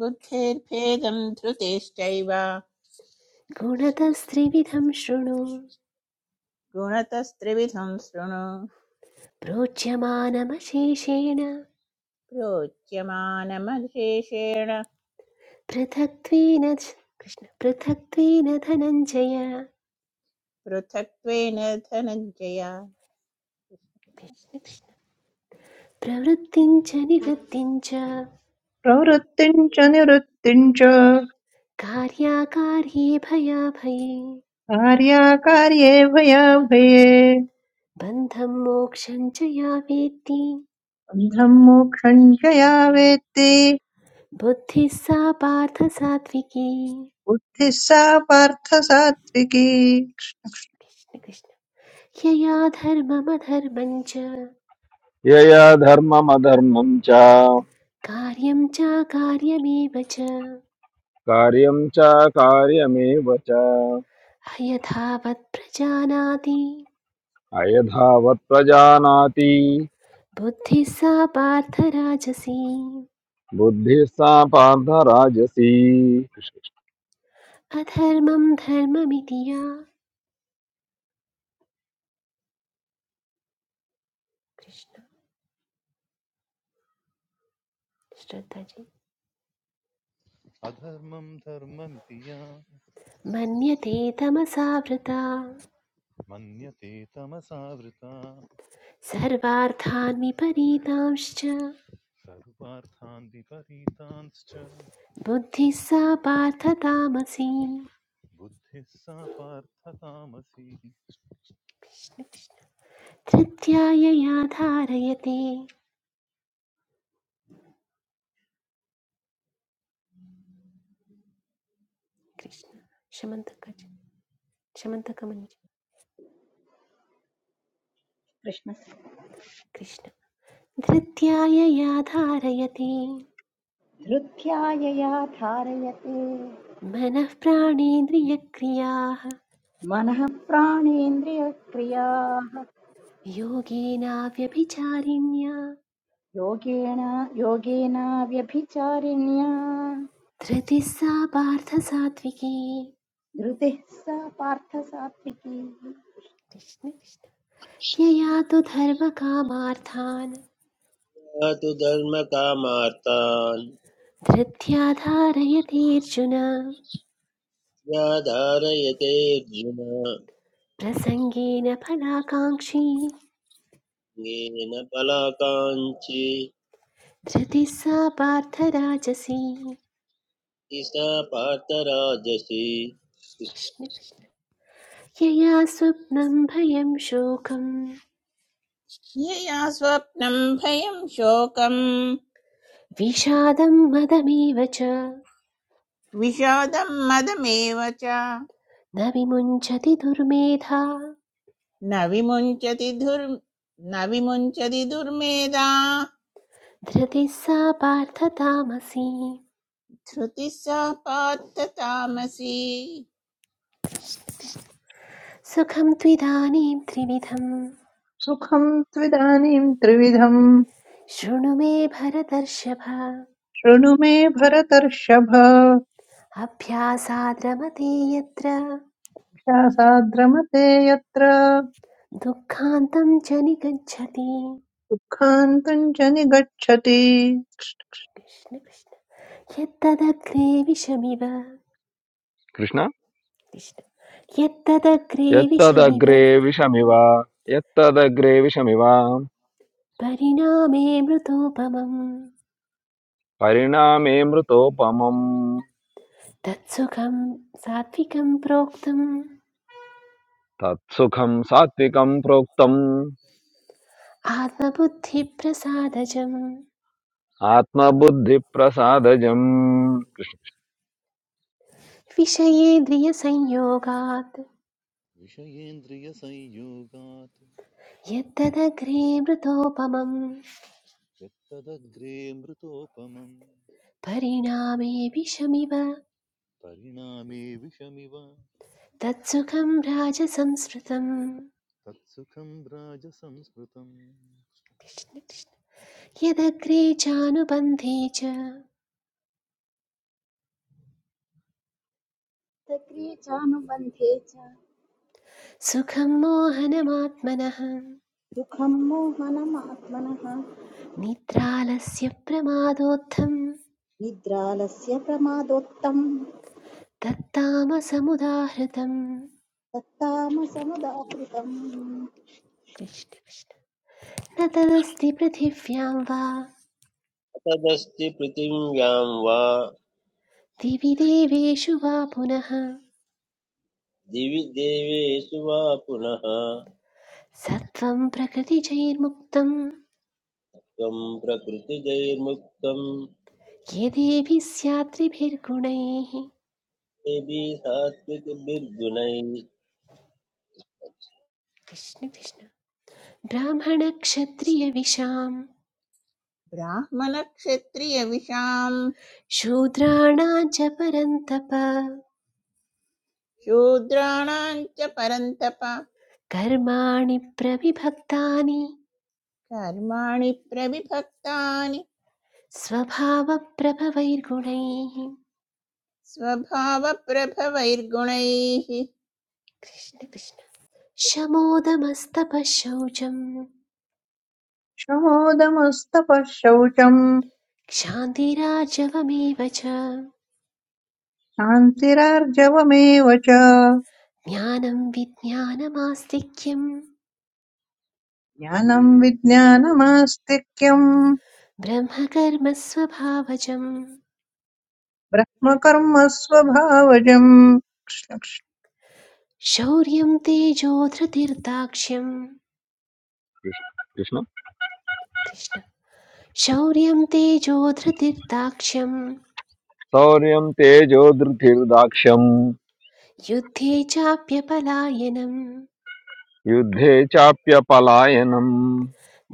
E: बुद्धेर्भेदं धृतेश्चैव
C: गुणतस्त्रिविधं शृणु
E: गुणतस्त्रिविधं शृणु
C: प्रोच्यमानमशेषेण
E: प्रोच्यमानमशेषेण
C: पृथक्त्वेन च- कृष्ण पृथक्त्वेन धनञ्जय
E: पृथक्त्वेन धनञ्जया
C: कृष्ण कृष्ण प्रवृत्तिं च निवृत्तिं च
H: प्रवृत्तिम् च निवृत्तिम् च
C: कार्याकार्ये भयाभये
H: कार्याकार्ये भयाभये
C: बन्धं मोक्षं च या वेत्ति
H: अन्धम् मोक्षम् च या वेत्ति
C: बुद्धिः सा पार्थ सात्विकी
H: बुद्धिः सा पार्थ सात्विकी
C: कृष्ण कृष्ण यया धर्ममधर्मं च
I: యయా ధర్మ మదర్మం చా
C: कार्यं चाकार्यमेव च
I: కార్యం చా కార్యం చా కార్యం ఏవచా
C: अयथावत् प्रजानाति
I: అయధా వత్
C: बुद्धिः सा पार्थ राजसी अधर्मं धर्ममिति या कृष्ण श्रद्धाजी
B: अधर्मं धर्ममिति या
C: मन्यते तमसा वृता
B: मन्यते तमसावृता
C: सर्वार्थान् विपरीतांश्च
B: सर्वार्थान् विपरीतांश्च
C: बुद्धिः सा पार्थ तामसी
B: बुद्धिः सा पार्थतामसी
C: कृष्ण कृष्ण धृत्यायया धारयते कृष्ण शमन्तक शमन्तकमञ्ज
D: कृष्णस्य
C: कृष्ण धृत्यायया धारयते
D: धृत्यायया धारयते
C: मनः प्राणेन्द्रियक्रियाः
D: मनः प्राणेन्द्रियक्रियाः
C: योगेनाव्यभिचारिण्या
D: योगेन योगेनाव्यभिचारिण्या
C: धृतिः सा पार्थसात्विकी
D: धृतिः सा पार्थसात्विकी
C: कृष्ण कृष्ण। यया तु धर्मकामार्थान्
F: सा तु धर्मकामार्तान्
C: धृत्या धारयतीर्जुन
F: या धारयते अर्जुन
C: प्रसङ्गेन फलाकाङ्क्षी
F: येन बलाकाञ्ची
C: धृतिः सा पार्थराजसी
F: सा पार्थराजसी कृष्ण
C: कृष्ण कृष्ण। यया स्वप्नं भयं शोकं
E: यया स्वप्नं भयं शोकं
C: विषादं मदमेव च
E: विषादं मदमेव च
C: न विमुञ्चति दुर्मेधा
E: न विमुञ्चति धुर् न विमुञ्चति दुर्मेधा
C: धृतिः सा पार्थतामसी
E: धृतिः सा पार्थ तामसी
C: सुखं त्विदानीं त्रिविधम्
H: सुखम् त्विदानीं त्रिविधम्
C: शृणु मे भरतर्षभ
H: शृणु मे भरतर्षभ
C: अभ्यासाद् रमते यत्र
H: ध्यासाद्रमते यत्र
C: दुःखान्तं च निगच्छति
H: दुःखान्तम् च निगच्छति
C: कृष्ण कृष्ण यत्तदग्रे विषमिव कृष्ण यत्तदग्रे विषमिव परिणामे मृतोपमम्
I: ప్ర
C: तत्सुखं सात्विकं प्रोक्तम्
I: तत्सुखं सात्विकं प्रोक्तम्
C: आत्मबुद्धिप्रसादजम्
I: आत्मबुद्धिप्रसादजम्
C: विषयेन्द्रियसंयोगात्
B: विषयेन्द्रियसंयोगात्
C: यत्तदग्रे मृतोपमम्
B: यत्तदग्रे मृतोपमम्
C: परिणामे विषमिव
B: परिणामे विषमिव
C: तत्सुखं राजसंस्मृतम्
B: तत्सुखं राजसंस्मृतम्
C: कृष्ण, कृष्ण। यदग्रे चानुबन्धे च
D: सक्रिये चानुबन्धे च
C: सुखं मोहनमात्मनः
D: सुखं मोहनमात्मनः
C: निद्रालस्य प्रमादोत्थं
D: निद्रालस्य प्रमादोत्तं
C: तत्तामसमुदाहृतम्
D: तत्तामसमुदाहृतम्
C: कृष्ण कृष्ण। न तदस्ति पृथिव्यां वा
F: तदस्ति पृथिव्यां वा
C: दिवि देवेषु वा पुनः
F: दिवि देवेषु वा पुनः
C: सत्त्वं प्रकृतिजैर्मुक्तं
F: त्वं प्रकृतिजैर्मुक्तं
C: यदेभिः स्यात् त्रिभिर्गुणैः
F: देवी सात्विकभिर्गुणैः
C: कृष्ण कृष्ण ब्राह्मणक्षत्रियविशां
E: ब्राह्मणक्षत्रियविषां
C: शूद्राणां च परन्तप
E: शूद्राणां च परन्तप
C: कर्माणि प्रविभक्तानि
E: कर्माणि प्रविभक्तानि
C: स्वभावप्रभवैर्गुणैः
E: स्वभावप्रभवैर्गुणैः
C: कृष्ण कृष्ण शमोदमस्तपः शौचं
H: क्षमोदमस्तपः शौचम्
C: क्षान्तिराजवमेव च
H: शान्तिरार्जवमेव च
C: ज्ञानं विज्ञानमास्तिक्यं
H: ज्ञानम् विज्ञानमास्तिक्यम्
C: ब्रह्मकर्म स्वभावजं
H: ब्रह्मकर्म स्वभावजम् कृष्ण कृष्ण।
C: शौर्यं तेजो धृतिर्दाक्ष्यं
I: कृष्ण
C: कृष्ण शौर्यं तेजोधृतिर्दाक्ष्यं
I: शौर्यं तेजो धृतिर्दाक्ष्यम्
C: युद्धे चाप्यपलायनम्
I: युद्धे चाप्यपलायनम्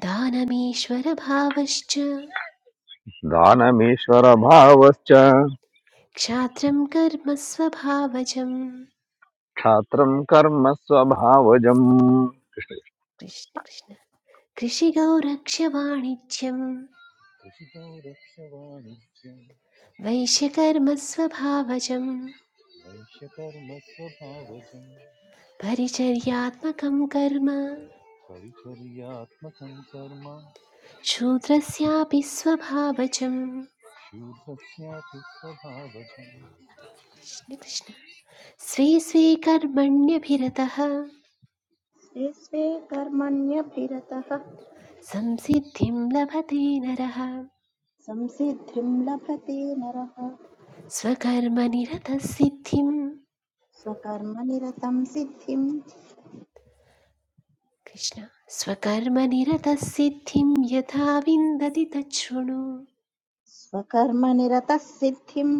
C: दानमीश्वरभावश्च
I: दानमीश्वरभावश्च
C: क्षात्रं कर्म स्वभावजम्
I: क्षात्रं कर्म स्वभावजम्
C: कृष्ण कृष्ण कृषिगौरक्ष्यवाणिज्यं
B: कृषितो रक्षवाणिज्यं
C: वैश्यकर्म स्वभावजं
B: वैश्यकर्म
C: परिचर्यात्मकं कर्म
B: परिचर्यात्मकं कर्म
C: शूद्रस्यापि स्वभावजम्
B: शूद्रस्यापि स्वभावजम्
C: कृष्ण कृष्ण स्वे स्वे कर्मण्यभिरतः
D: स्वे स्वे कर्मण्यभिरतः
C: संसिद्धिं लभते नरः
D: संसिद्धिं लभते नरः
C: स्वकर्मनिरतसिद्धिं
D: स्वकर्मनिरतं सिद्धिं
C: कृष्ण स्वकर्मनिरतसिद्धिं यथा विन्दति तच्छृणु
D: स्वकर्मनिरतः सिद्धिं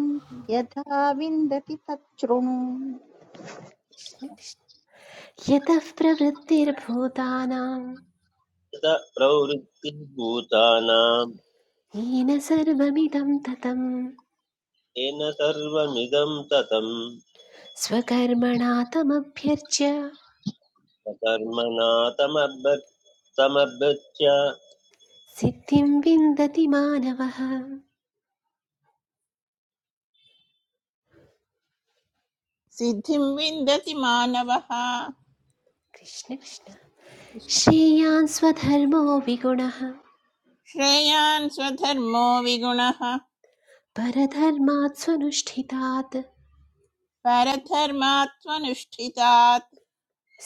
D: यथा विन्दति तच्छृणु
C: कृष्ण, कृष्ण। यतः प्रवृत्तिर्भूतानां
F: तत प्रवृत्तिर्भूतानां
C: येन सर्वमिदं ततं
F: येन सर्वमिदं ततं
C: स्वकर्मणा तमभ्यर्च्य
F: स्वकर्मणा तमभ्य- समभ्यच्य
C: सिद्धिं विन्दति मानवः
E: सिद्धिं विन्दति मानवः
C: कृष्ण कृष्ण
E: कृष्ण-
C: श्रेयान् स्वधर्मो विगुणः
E: श्रेयान् स्वधर्मो विगुणः
C: परधर्मात् स्वनुष्ठितात्
E: परधर्मात्मनुष्ठितात्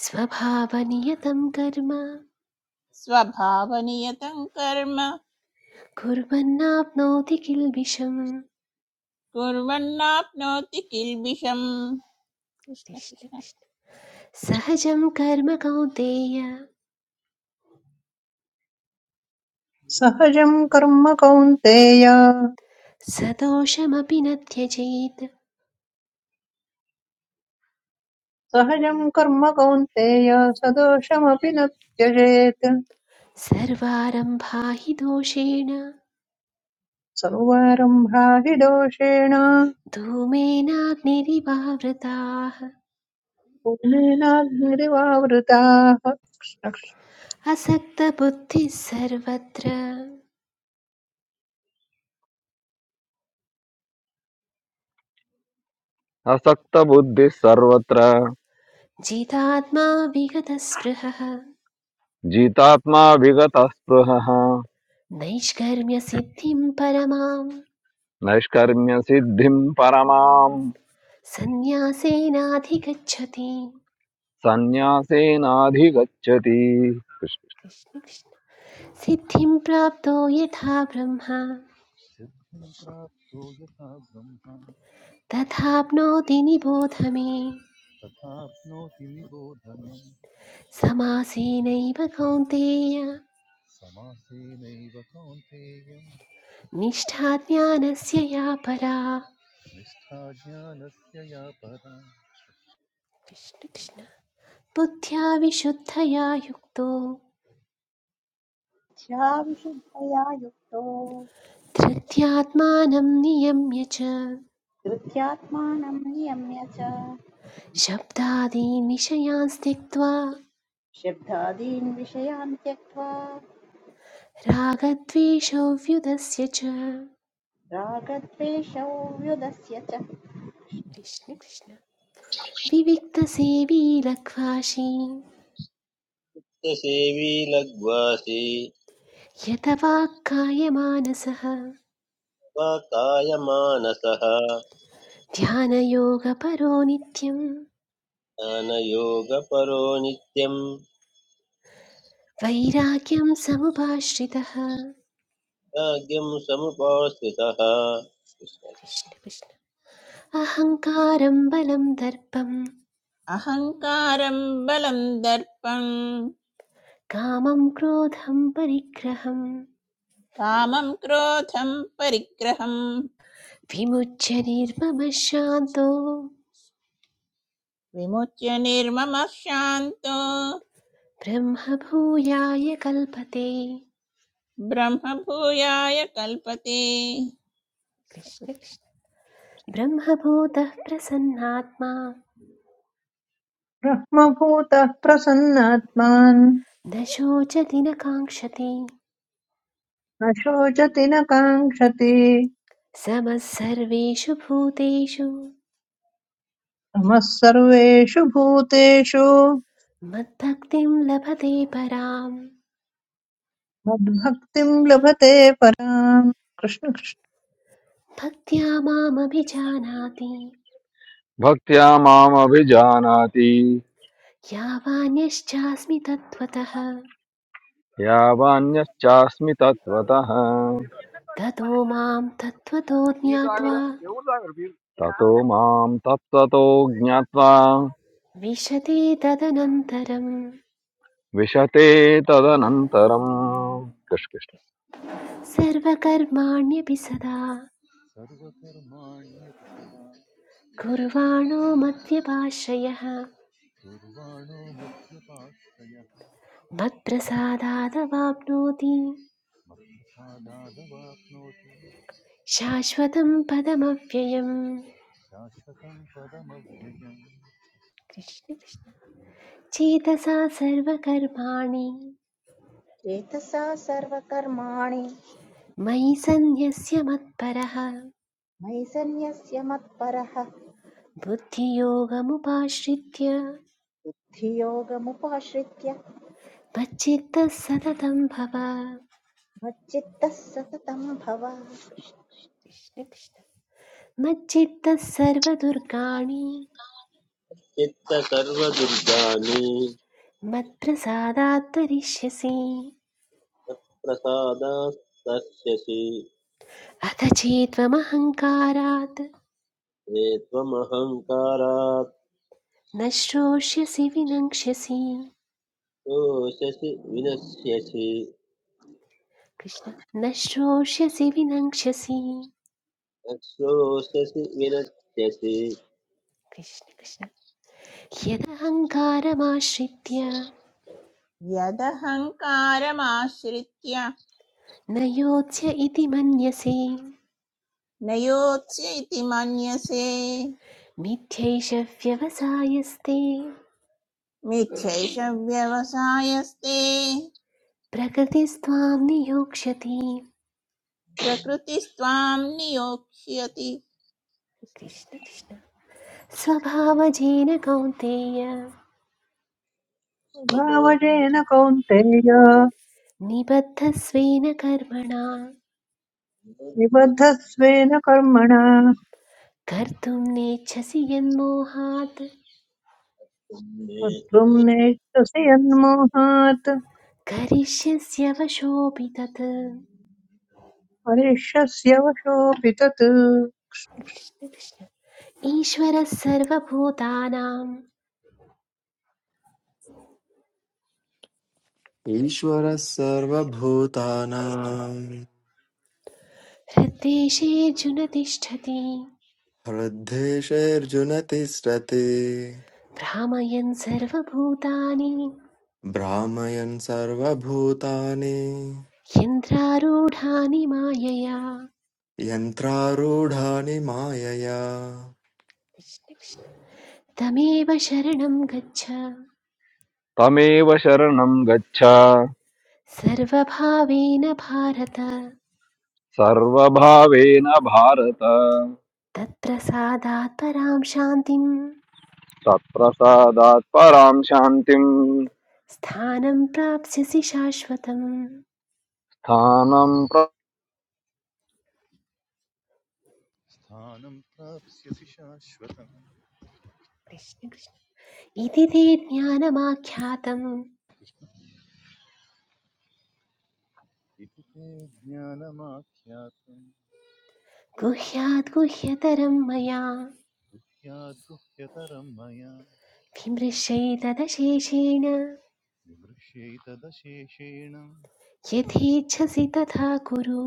C: स्वभावनियतं कर्म
E: स्वभावनियतं कर्म
C: कुर्वन्नाप्नोति किल्बिषम्
E: कुर्वन्नाप्नोति किल्बिषम् कृष्ण
C: कृष्ण
E: कृष्ण
C: कृष्ण सहजं कर्म कौन्तेय
H: सहजम् कर्म कौन्तेय
C: सदोषमपि न त्यजेत्
H: सहजम् कर्म कौन्तेय सदोषमपि न त्यजेत्
C: सर्वारम्भा हि दोषेण
H: सर्वारम्भा हि दोषेण
C: धूमेनाग्निरिवावृताः
H: पूर्णेनाग्निरिवावृताः
C: असक्तबुद्धिः सर्वत्र
I: असक्तबुद्धिः सर्वत्र
C: जितात्मा विगतस्पृहः
I: जितात्मा विगतस्पृहः
C: नैष्कर्म्यसिद्धिं परमां
I: नैष्कर्म्यसिद्धिं परमाम्
C: सन्न्यासेनाधिगच्छति
I: सन्न्यासेनाधिगच्छति
C: कृष्ण कृष्ण। सिद्धिं प्राप्तो यथा ब्रह्मा
B: सिद्धिं प्राप्तो यथा ब्रह्मा
C: तथाप्नोति निबोध मे
B: तथाप्नोति निबोधनं
C: समासेनैव कौन्तेय
B: समासेनैव कौन्तेय
C: निष्ठा ज्ञानस्य या परा
B: निष्ठा ज्ञानस्य या परा
C: कृष्ण कृष्ण बुद्ध्या विशुद्धया युक्तो
D: ध्या विशुद्धया युक्तो
C: धृत्यात्मानं नियम्य च
D: धृत्यात्मानं नियम्य च
C: शब्दादीन् विषयान् त्यक्त्वा
D: शब्दादीन् विषयान् त्यक्त्वा
C: रागद्वेषव्युधस्य च
D: रागद्वेषौ व्युदस्य च
C: कृष्ण कृष्ण विविक्तसेवी लघ्वाशी
F: च सेवी लघ्वासि
C: यत वाक्कायमानसः
F: स्वकायमानसः
C: ध्यानयोगपरो नित्यं
F: ज्ञानयोगपरो नित्यं
C: वैराग्यं समुपाश्रितः
F: राज्ञं समुपास्थितः
C: कृष्ण कृष्ण अहङ्कारं बलं दर्पं
E: अहङ्कारं बलं दर्पं
C: कामं क्रोधं परिग्रहं
E: कामं क्रोधं परिग्रहं
C: विमुच्य निर्ममः शान्तो
E: विमुच्य निर्ममः शान्तो
C: ब्रह्मभूयाय कल्पते
E: ब्रह्मभूयाय कल्पते
C: कृष्ण कृष्ण ब्रह्मभूतः प्रसन्नात्मा
H: ब्रह्मभूतः प्रसन्नात्मान्
C: न शोचति न काङ्क्षति
H: न शोचति न काङ्क्षति
C: समः सर्वेषु
H: नमः सर्वेषु भूतेषु
C: मद्भक्तिं लभते परां
H: मद्भक्तिम् लभते पराम् कृष्णकृष्ण
C: भक्त्या मामभिजानाति
I: भक्त्या मामभिजानाति
C: यावान्यश्चास्मि तत्त्वतः
I: यावान्यश्चास्मि तत्त्वतः
C: ततो मां तत्त्वतो ज्ञात्वा
I: ततो मां तत्त्वतो ज्ञात्वा
C: विशति तदनन्तरं
I: विशते तदनन्तरम् कृष्ण कृष्ण।
C: सर्वकर्माण्यपि सदा
B: सर्वकर्माण्यपि सदा
C: कुर्वाणो मद्व्यपाश्रयः
B: कुर्वाणो मध्यपाश्रयः
C: मत्प्रसादादवाप्नोति
B: मत्प्रसादादवाप्नोति
C: शाश्वतं पदमव्ययम्
B: शाश्वतं पदमव्ययम्
C: कृष्ण कृष्ण चेतसा सर्वकर्माणि
D: चेतसा सर्वकर्माणि
C: मयि सन्न्यस्य मत्परः
D: मयि सन्न्यस्य मत्परः
C: बुद्धियोगमुपाश्रित्य
D: धियोगमुपाश्रित्य
C: मच्चित्तः सततं भव
D: मच्चित्तः सततं भव
C: कृष्ण कृष्ण। मच्चित्तः सर्वदुर्गाणि
F: चित्त सर्वदुर्गानि
C: मत्प्रसादात् तरिष्यसि
F: प्रसादास्तस्यसि
C: अथ चेत्त्वमहङ्कारात्
F: त्वमहङ्कारात्
C: न श्रोष्यसि विनङ्क्ष्यसि
F: शोषसि विनश्यसि
C: कृष्ण न श्रोष्यसि विनङ्क्ष्यसि
F: शोषसि विनश्यसि
C: कृष्ण कृष्ण यदहङ्कारमाश्रित्य
E: यदहङ्कारमाश्रित्य
C: न योत्स्य इति मन्यसे
E: न योत्स्य इति मन्यसे
C: मिथ्यैष व्यवसायस्ते
E: मिथ्यैष व्यवसायस्ते
C: प्रकृतिस्त्वां नियोक्ष्यति
E: प्रकृतिस्त्वां नियोक्ष्यति
C: कृष्ण कृष्ण स्वभावजेन कौन्तेय
F: स्वभाव
H: स्वभावजेन कौन्तेय
C: निबद्धस्वेन कर्मणा
F: मद्भक्तुमे
H: निबद्धस्वेन कर्मणा
C: कर्तुं नेच्छसि यन्मोहात्
H: कर्तुम् नेच्छसि यन्मोहात्
C: करिष्यस्यवशोऽपि तत् कृष्ण
H: परिष्यस्य वशोऽपि तत्
C: कृष्ण ईश्वरः सर्वभूतानां
J: ईश्वरः सर्वभूतानां
C: हृद्देशेऽर्जुन तिष्ठति
J: हृद्देशेऽर्जुन तिष्ठति
C: भ्रामयन् सर्वभूतानि
J: भ्रामयन् सर्वभूतानि
C: यन्त्रारूढानि मायया
J: यन्त्रारूढानि मायया
C: कृष्ण कृष्ण। तमेव शरणं गच्छ
I: तमेव शरणं गच्छ
C: सर्वभावेन भारत
I: सर्वभावेन भारत
C: तत्र सादात् परां शान्तिं
I: तत्प्रसादात् परां शान्तिं
C: स्थानं प्राप्स्यसि शाश्वतम्
I: स्थानं प्र
B: स्थानं प्राप्स्यसि शाश्वतम्
C: कृष्ण कृष्ण। इति ते ज्ञानमाख्यातं
B: इति ते ज्ञानमाख्यातम्
C: गुह्यात् गुह्यतरं मया
B: गुह्याद् गुह्यतरं मया
C: विमृशैतदशेषेण
B: विमृश्यैतदशेषेण
C: यथेच्छसि तथा कुरु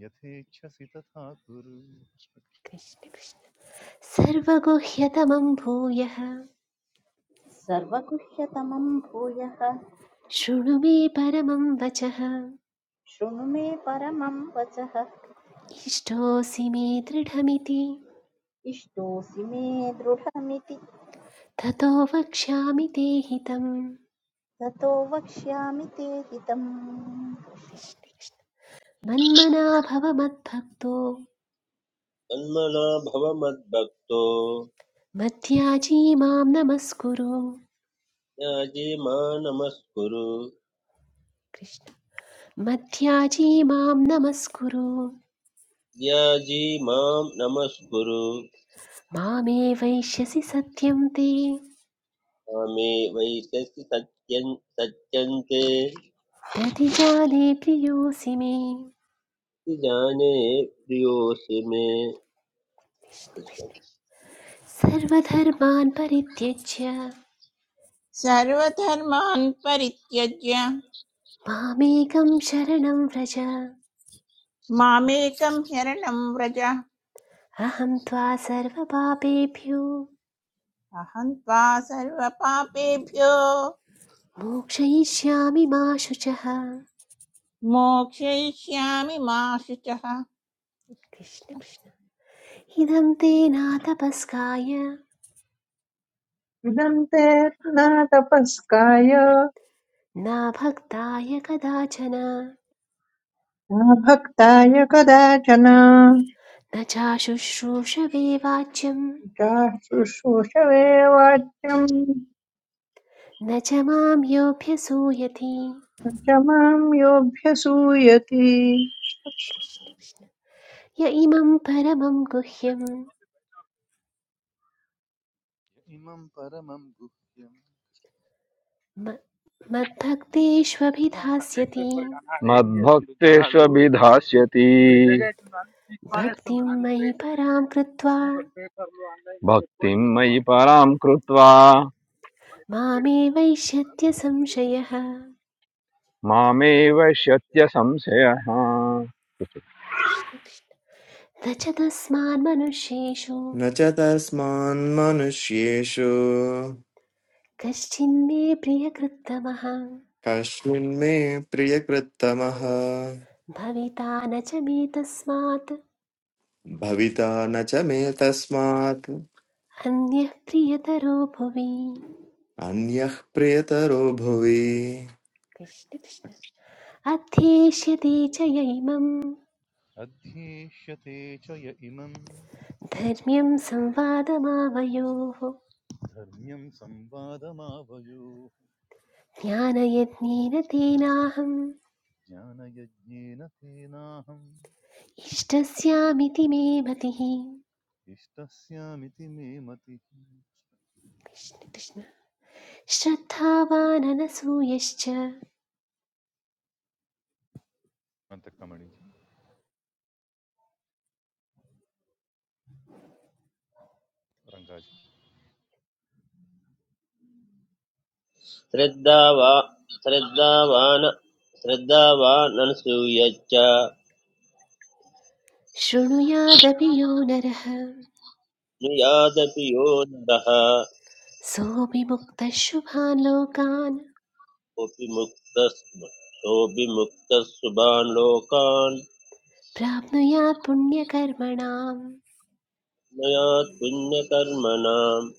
B: यथेच्छसि तथा कुरु य
C: कृष्ण कृष्ण। सर्वगुह्यतमं भूयः
D: सर्वगुह्यतमं भूयः
C: शृणु मे परमं वचः
D: शृणु मे परमं वचः
C: इष्टोऽसि मे दृढमिति
D: इष्टोऽसि मे दृढमिति
C: ततो वक्ष्यामि ते हितम्
D: ततो वक्ष्यामि ते हितम्
C: कृष्ण, कृष्ण। मन्मना भव मद्भक्तो
F: तन्मना भव मद्भक्तो
C: मध्याजी मां नमस्कुरु
F: ज्ञाजी मा नमस्कुरु
C: कृष्ण मध्याजी मां नमस्कुरु
F: ज्ञाजी मां नमस्कुरु
C: मामे वैश्यसि सत्यं ते
F: कामे वैशसि सत्यं सत्यन्ते
C: प्रतिजाने प्रियोऽसि मे
F: जाने प्रियोऽसि मे
C: कृष्ण, कृष्ण। सर्वधर्मान् परित्यज्य
E: सर्वधर्मान् परित्यज्य
C: मामेकं शरणं व्रज
E: मामेकं शरणं व्रज
C: अहं त्वा सर्वपापेभ्यो
E: अहं त्वा सर्वपापेभ्यो
C: मोक्षयिष्यामि मा शुचः
E: मोक्षयिष्यामि मा शुचः
C: कृष्ण कृष्ण इदं ते नातपस्काय
H: इदम् ते न तपस्काय
C: न भक्ताय कदाचन
H: न भक्ताय कदाचन
C: न चाशुश्रूषवे वाच्यं
H: चाशुश्रूषवेवाद्यम्
C: न च मां योऽभ्यसूयति
H: न च माम् योऽभ्यसूयति
C: कृष्ण कृष्ण य इमं परमं गुह्यं
B: इमं परमं गुह्यम्
C: म- मद्भक्तेष्वभिधास्यति
I: मद्भक्तेष्वभिधास्यति
C: भक्तिं मयि परां कृत्वा
I: भक्तिं मयि परां कृत्वा
C: मामे वैश्यत्य संशयः कृष्ण
I: मामेव शत्य संशयः
C: कृष्ण रजतस्मान् मनुष्येषु
J: न च तस्मान्मनुष्येषु
C: कश्चिन्मे प्रियकृत्तमः
J: कस्मिन्मे प्रियकृत्तमः
C: भविता न च मे तस्मात्
J: भविता न च मे तस्मात्
C: अन्यः प्रियतरो भुवि
J: अन्यः प्रियतरो भुवि
C: कृष्ण कृष्ण अध्येष्यते च य इमं
B: अध्येष्यते च य इमं
C: धर्म्यं संवादमावयोः
B: धर्म्यं संवादमावयोः
C: ज्ञानयज्ञेन तेनाहम्
B: ज्ञानयज्ञेन तेनाहम्
C: इष्टस्यामिति मे मतिः
B: इष्टस्यामिति मे मतिः
C: कृष्ण कृष्ण श्रद्धावाननसूयश्च
B: अन्तकमणिजी रङ्गाजी
F: श्रद्धावा श्रद्धावान् श्रद्धावानसूयच्च
C: शृणुयादपि यो नरः
F: नुयादपि यो नरः
C: सोऽपि मुक्तशुभान् लोकान्
F: कोऽपि मुक्तः सोऽपि मुक्तः सुभान् लोकान्
C: प्राप्नुयात् पुण्यकर्मणाम्
F: मयात् पुण्यकर्मणाम्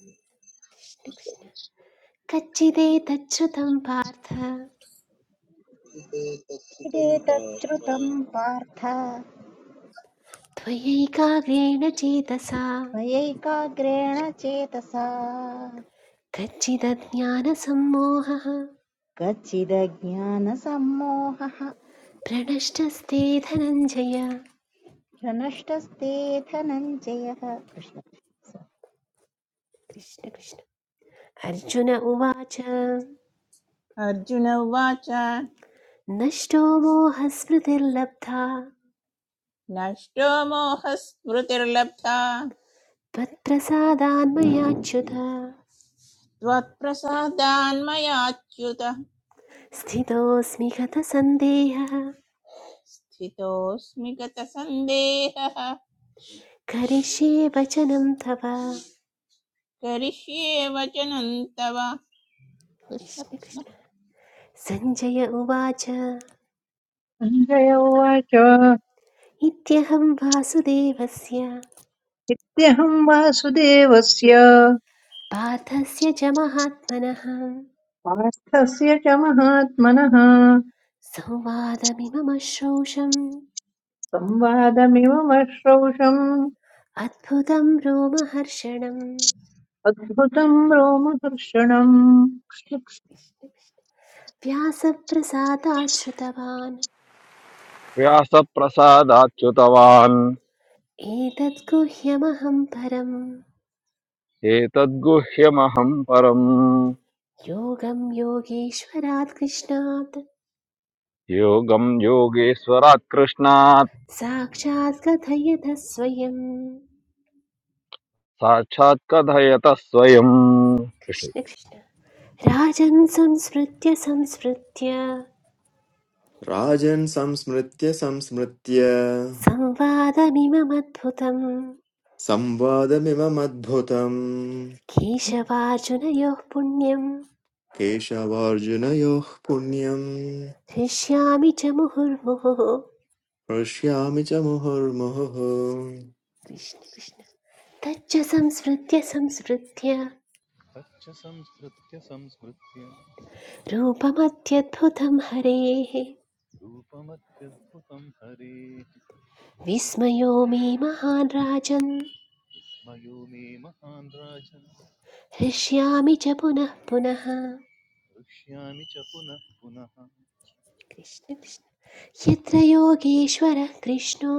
C: कृष्णकृष्ण कच्चिदेतच्छ्रुतं पार्थ
F: पार्थ
D: यदेतच्छ्रुतम् पार्थ
C: त्वयैकाग्रेण चेतसा
D: त्वयैकाग्रेण चेतसा
C: कच्चिदज्ञानसम्मोहः
D: कच्चिदज्ञानसम्मोहः
C: प्रणष्टस्ते धनञ्जय
D: प्रनष्टस्ते धनञ्जयः कृष्ण
C: कृष्णकृष्ण अर्जुन उवाच
E: अर्जुन उवाच
C: नष्टो मोहस्मृतिर्लब्धा
E: नष्टो मोहस्मृतिर्लब्धा
C: त्वत्प्रसादान्मयाच्युत
E: त्वत्प्रसादान्मयाच्युत
C: स्थितोऽस्मि गतसन्देहः
E: स्थितोऽस्मि गतसन्देहः
C: करिष्ये वचनं तव
E: करिष्ये वचनं तव कृष्ण
C: कृष्ण
E: कृष्ण
C: कृष्ण सञ्जय उवाच
H: सञ्जय उवाच "इत्यहं
C: इत्यहं वासुदेवस्य
H: वासुदेवस्य
C: पार्थस्य च महात्मनः
H: पार्थस्य च महात्मनः
C: संवादमिमम श्रोषम्
H: संवादमिममश्रौषम्
C: अद्भुतं रोमहर्षणं
H: अद्भुतम् रोमहर्षणम्
C: व्यासप्रसादाच्छ्रुतवान्
I: व्यासप्रसादाच्युतवान्
C: एतत् गुह्यमहं परं
I: एतद्गुह्यमहं परम्
C: योगं योगेश्वरात् कृष्णात्
I: योगं योगेश्वरात् कृष्णात्
C: साक्षात् कथयतः स्वयम्
I: साक्षात् कथयतः स्वयम्
C: कृष्ण कृष्ण राजन् संस्मृत्य संस्मृत्य
J: राजन् संस्मृत्य संस्मृत्य
C: संवादमिममद्भुतम्
J: संवादमिममद्भुतम्
C: केशवार्जुनयोः पुण्यम्
J: केशवार्जुनयोः पुण्यम्
C: हृष्यामि च मुहुर्मुहुः
J: हृष्यामि च मुहुर्मुहुः
C: कृष्ण कृष्ण तच्च संस्मृत्य संस्मृत्य
B: तच्च संस्मृत्य संस्मृत्य
C: रूपमत्यद्भुतं हरेः
B: रूपमत्यद्भुतं हरेः
C: विस्मयो मे महान् राजन्
B: विस्मयो मे महान् राजन्
C: हृष्यामि च पुनः पुनः
B: हृष्यामि च पुनः पुनः
C: कृष्ण कृष्ण यत्र योगेश्वरः कृष्णो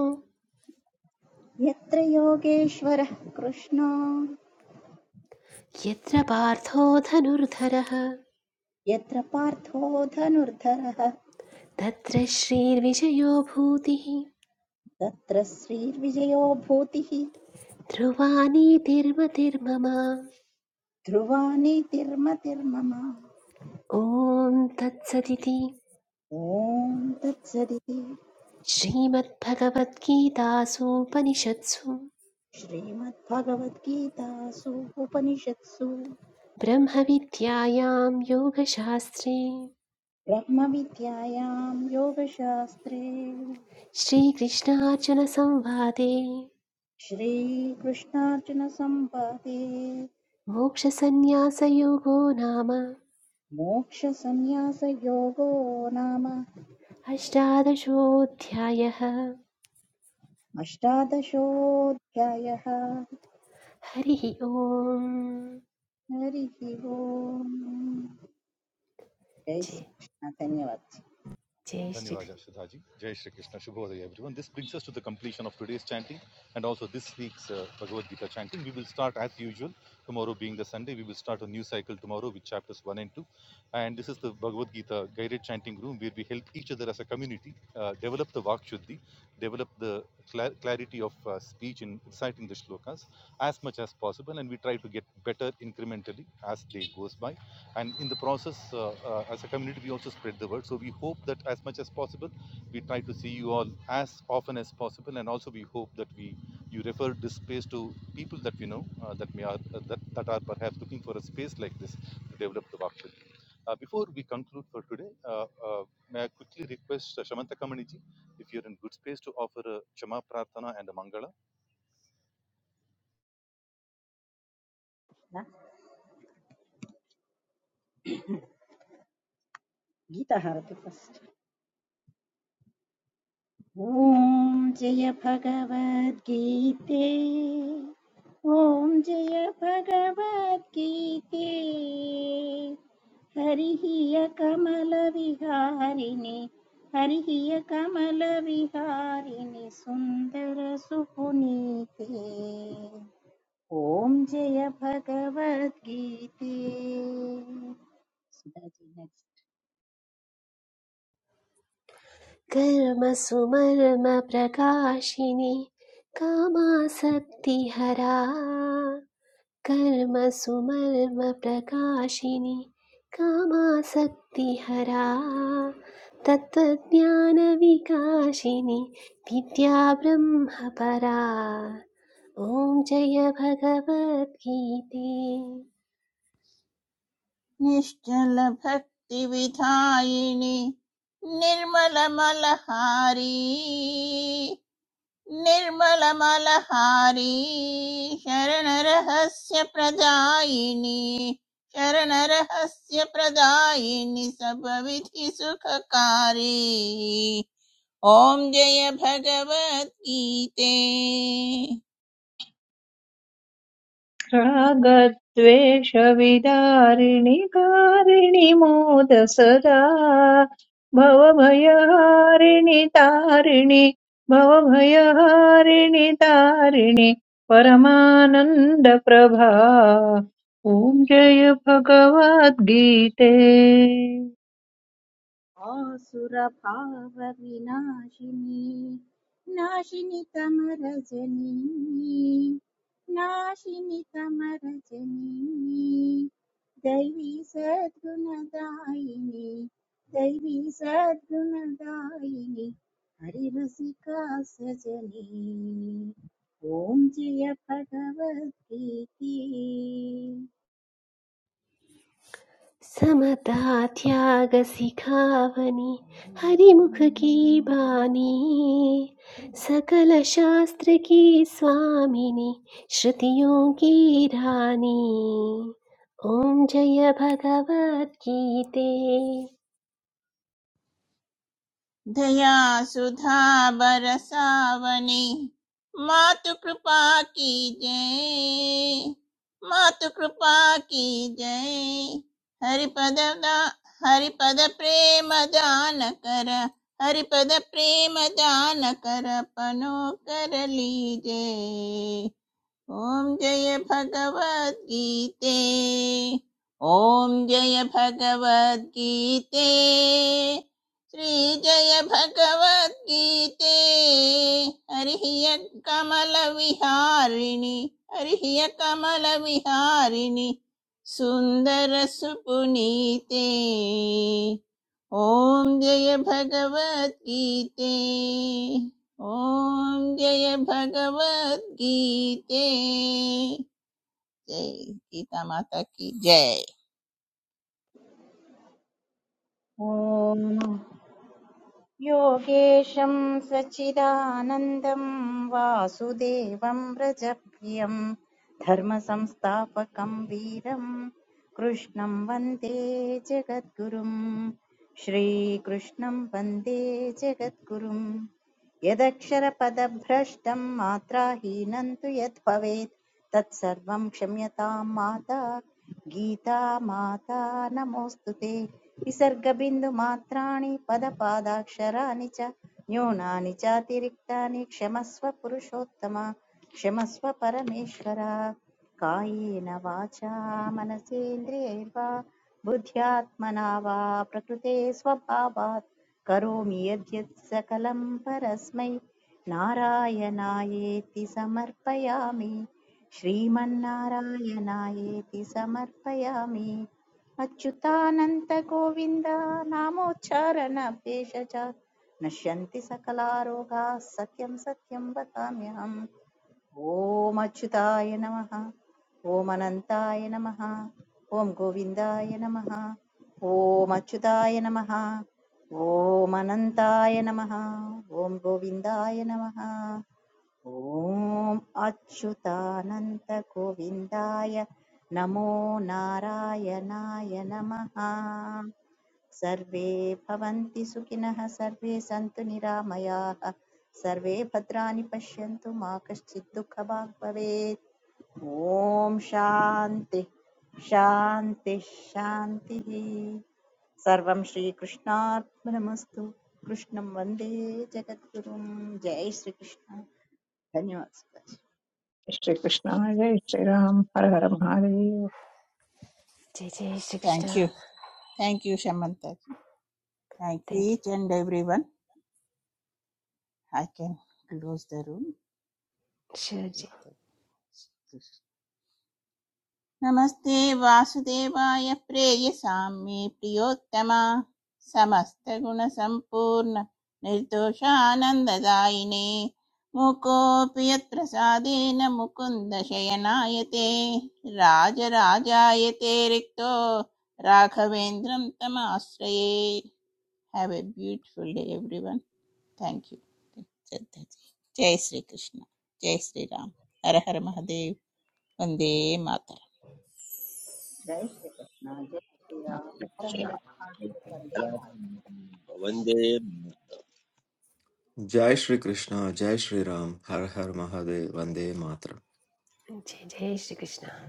D: यत्र योगेश्वरः कृष्णो
C: यत्र पार्थो धनुर्धरः
D: यत्र पार्थो धनुर्धरः
C: तत्र श्रीर्विजयो भूतिः
D: तत्र श्रीर्विजयो भूतिः
C: ध्रुवानीतिर्मतिर्मम
D: ध्रुवा नीतिर्मतिर्मम
C: ॐ तत्सदिति
D: ॐ तत्सदिति
C: श्रीमद्भगवद्गीतासूपनिषत्सु
D: श्रीमद्भगवद्गीतासु उपनिषत्सु
C: ब्रह्मविद्यायां योगशास्त्रे
D: ब्रह्मविद्यायां योगशास्त्रे
C: श्रीकृष्णार्जुनसंवादे
D: श्रीकृष्णार्जुनसंवादे
C: मोक्षसन्न्यासयोगो नाम
D: मोक्षसंन्यासयोगो नाम
C: अष्टादशोऽध्यायः
D: अष्टादशोऽध्यायः
C: हरिः ॐ
D: हरिः ओम् जय
C: जय
D: श्रीकृष्ण धन्यवाद
C: जय Shri
B: Dhanivaja Sudhaji. Jai Shri Krishna. Shubhodaya everyone. This brings us to the completion of today's chanting and also this week's uh, Bhagavad Gita chanting. We will start as usual, tomorrow being the Sunday, we will start a new cycle tomorrow with chapters 1 and 2. And this is the Bhagavad Gita guided chanting room where we help each other as a community uh, develop the Vak Shuddhi, develop the cla- clarity of uh, speech in reciting the shlokas as much as possible and we try to get better incrementally as day goes by and in the process uh, uh, as a community we also spread the word so we hope that as much as possible we try to see you all as often as possible and also we hope that we you refer this space to people that we know uh, that may are uh, that, that are perhaps looking for a space like this to develop the workshop uh, before we conclude for today, uh, uh, may I quickly request uh, Shamanta Kamaniji, if you're in good space, to offer a Chama Prarthana and a Mangala.
D: Krishna गीता हरति first ॐ जय भगवद्गीते ॐ जय भगवद्गीते हरिः कमलविहारिणि हरिः कमलविहारिणि सुन्दरसुपुनीते ॐ जय भगवद्गीते सुधा जी next.
C: कर्म सुमर्म प्रकाशिनी कामासक्ति हरा कर्मसुमर्मप्रकाशिनि कामासक्तिहरा विकाशिनी कामासक्तिहरा तत्त्वज्ञानविकासिनि परा ओम जय भगवद्गीते
E: निश्चलभक्तिविधायिनि निर्मलमलहारी निर्मलमलहारी शरणरहस्य प्रदायिनि शरणरहस्य प्रदायिनि सबविधि सुखकारी ॐ जय भगवद्गीते
H: रागद्वेषविदारिणि कारिणि मोद सदा भवभयहारिणि तारिणि भवभयहारिणि तारिणि परमानन्दप्रभा ॐ जय भगवद्गीते
D: आसुरभावविनाशिनी नाशिनि तमरजनी नाशिनि तमरजनी दैवी सद्गुणदायिनी दैवी सद्गुणदायिनी हरिरसिका सजनी ॐ जय भगवद्गीति
C: समता त्याग सिखावनी हरिमुख की बानी सकल शास्त्र की स्वामिनी श्रुतियों की रानी ओम जय भगवत गीते
E: दयासुधा बरसावने मातु कृपा की जय मातु कृपा की जय हरिपद दा- हरिपद प्रेम दान कर हरिपद प्रेम दान कर पनो कर लीजे ॐ जय भगवद्गीते ॐ जय भगवद्गीते श्रीजय भगवद्गीते हरिः य कमलविहारिणि हरिः य कमलविहारिणि सुन्दरसुपुनीते ॐ जय भगवद्गीते Om Jaye Bhagavad Geete Jay Geeta Mata Ki Jay
D: ओम योगेशं सच्चिदानन्दं वासुदेवं व्रजप्रियं धर्मसंस्थापकं वीरं कृष्णं वन्दे जगद्गुरुम् श्रीकृष्णं वन्दे जगद्गुरुम् यदक्षरपदभ्रष्टं मात्राहीनं तु यद्भवेत् तत्सर्वं क्षम्यतां माता गीता माता नमोऽस्तु ते विसर्गबिन्दुमात्राणि पदपादाक्षराणि च न्यूनानि चातिरिक्तानि क्षमस्व पुरुषोत्तम क्षमस्व परमेश्वर कायेन वाचा मनसेन्द्रियैर्वा बुद्ध्यात्मना वा प्रकृते स्वभावात् करोमि यद्यत् सकलं परस्मै नारायणायेति समर्पयामि श्रीमन्नारायणायेति समर्पयामि अच्युतानन्तगोविन्द नामोच्चारणभेषजात् नश्यन्ति सकलारोगाः सत्यं सत्यं वदाम्यहम् ॐ अच्युताय नमः ॐ अनन्ताय नमः ॐ गोविन्दाय नमः ॐ अच्युताय नमः ॐ अनन्ताय नमः ॐ गोविन्दाय नमः ॐ अच्युतानन्दगोविन्दाय नमो नारायणाय नमः सर्वे भवन्ति सुखिनः सर्वे सन्तु निरामयाः सर्वे भद्राणि पश्यन्तु मा कश्चित् दुःखभाग् भवेत् ॐ शान्ति शान्ति शान्तिः सर्वं श्रीकृष्णार्पणमस्तु कृष्णं वन्दे जगद्गुरुं जय श्रीकृष्ण धन्यवाद
H: श्रीकृष्णाय जय श्रीराम हर हर महादेव
C: जय जय Shri
E: Thank
C: Krishna
E: you Thank you Shambhanti Thank you
C: thank
E: each and everyone I can close the room.
C: You sure
E: with
C: ji
E: the नमस्ते वासुदेवाय प्रेयसां मे प्रियोत्तमा समस्तगुणसम्पूर्ण निर्दोषानन्ददायिने मुकोऽपि यत्प्रसादेन मुकुन्द शयनायते राजराजायते रिक्तो राघवेन्द्रं तमाश्रये have a beautiful day everyone thank you Shraddha ji. जय श्रीकृष्ण जय श्रीराम हर हर महादेव वन्दे मातरम्
D: जय श्री कृष्णा जय श्री राम हर हर महादेव वंदे मातरम।
F: भवन्ते
J: जय श्री कृष्ण जय श्री राम हर हर महादेव वंदे मातरम
C: जय जय श्री कृष्ण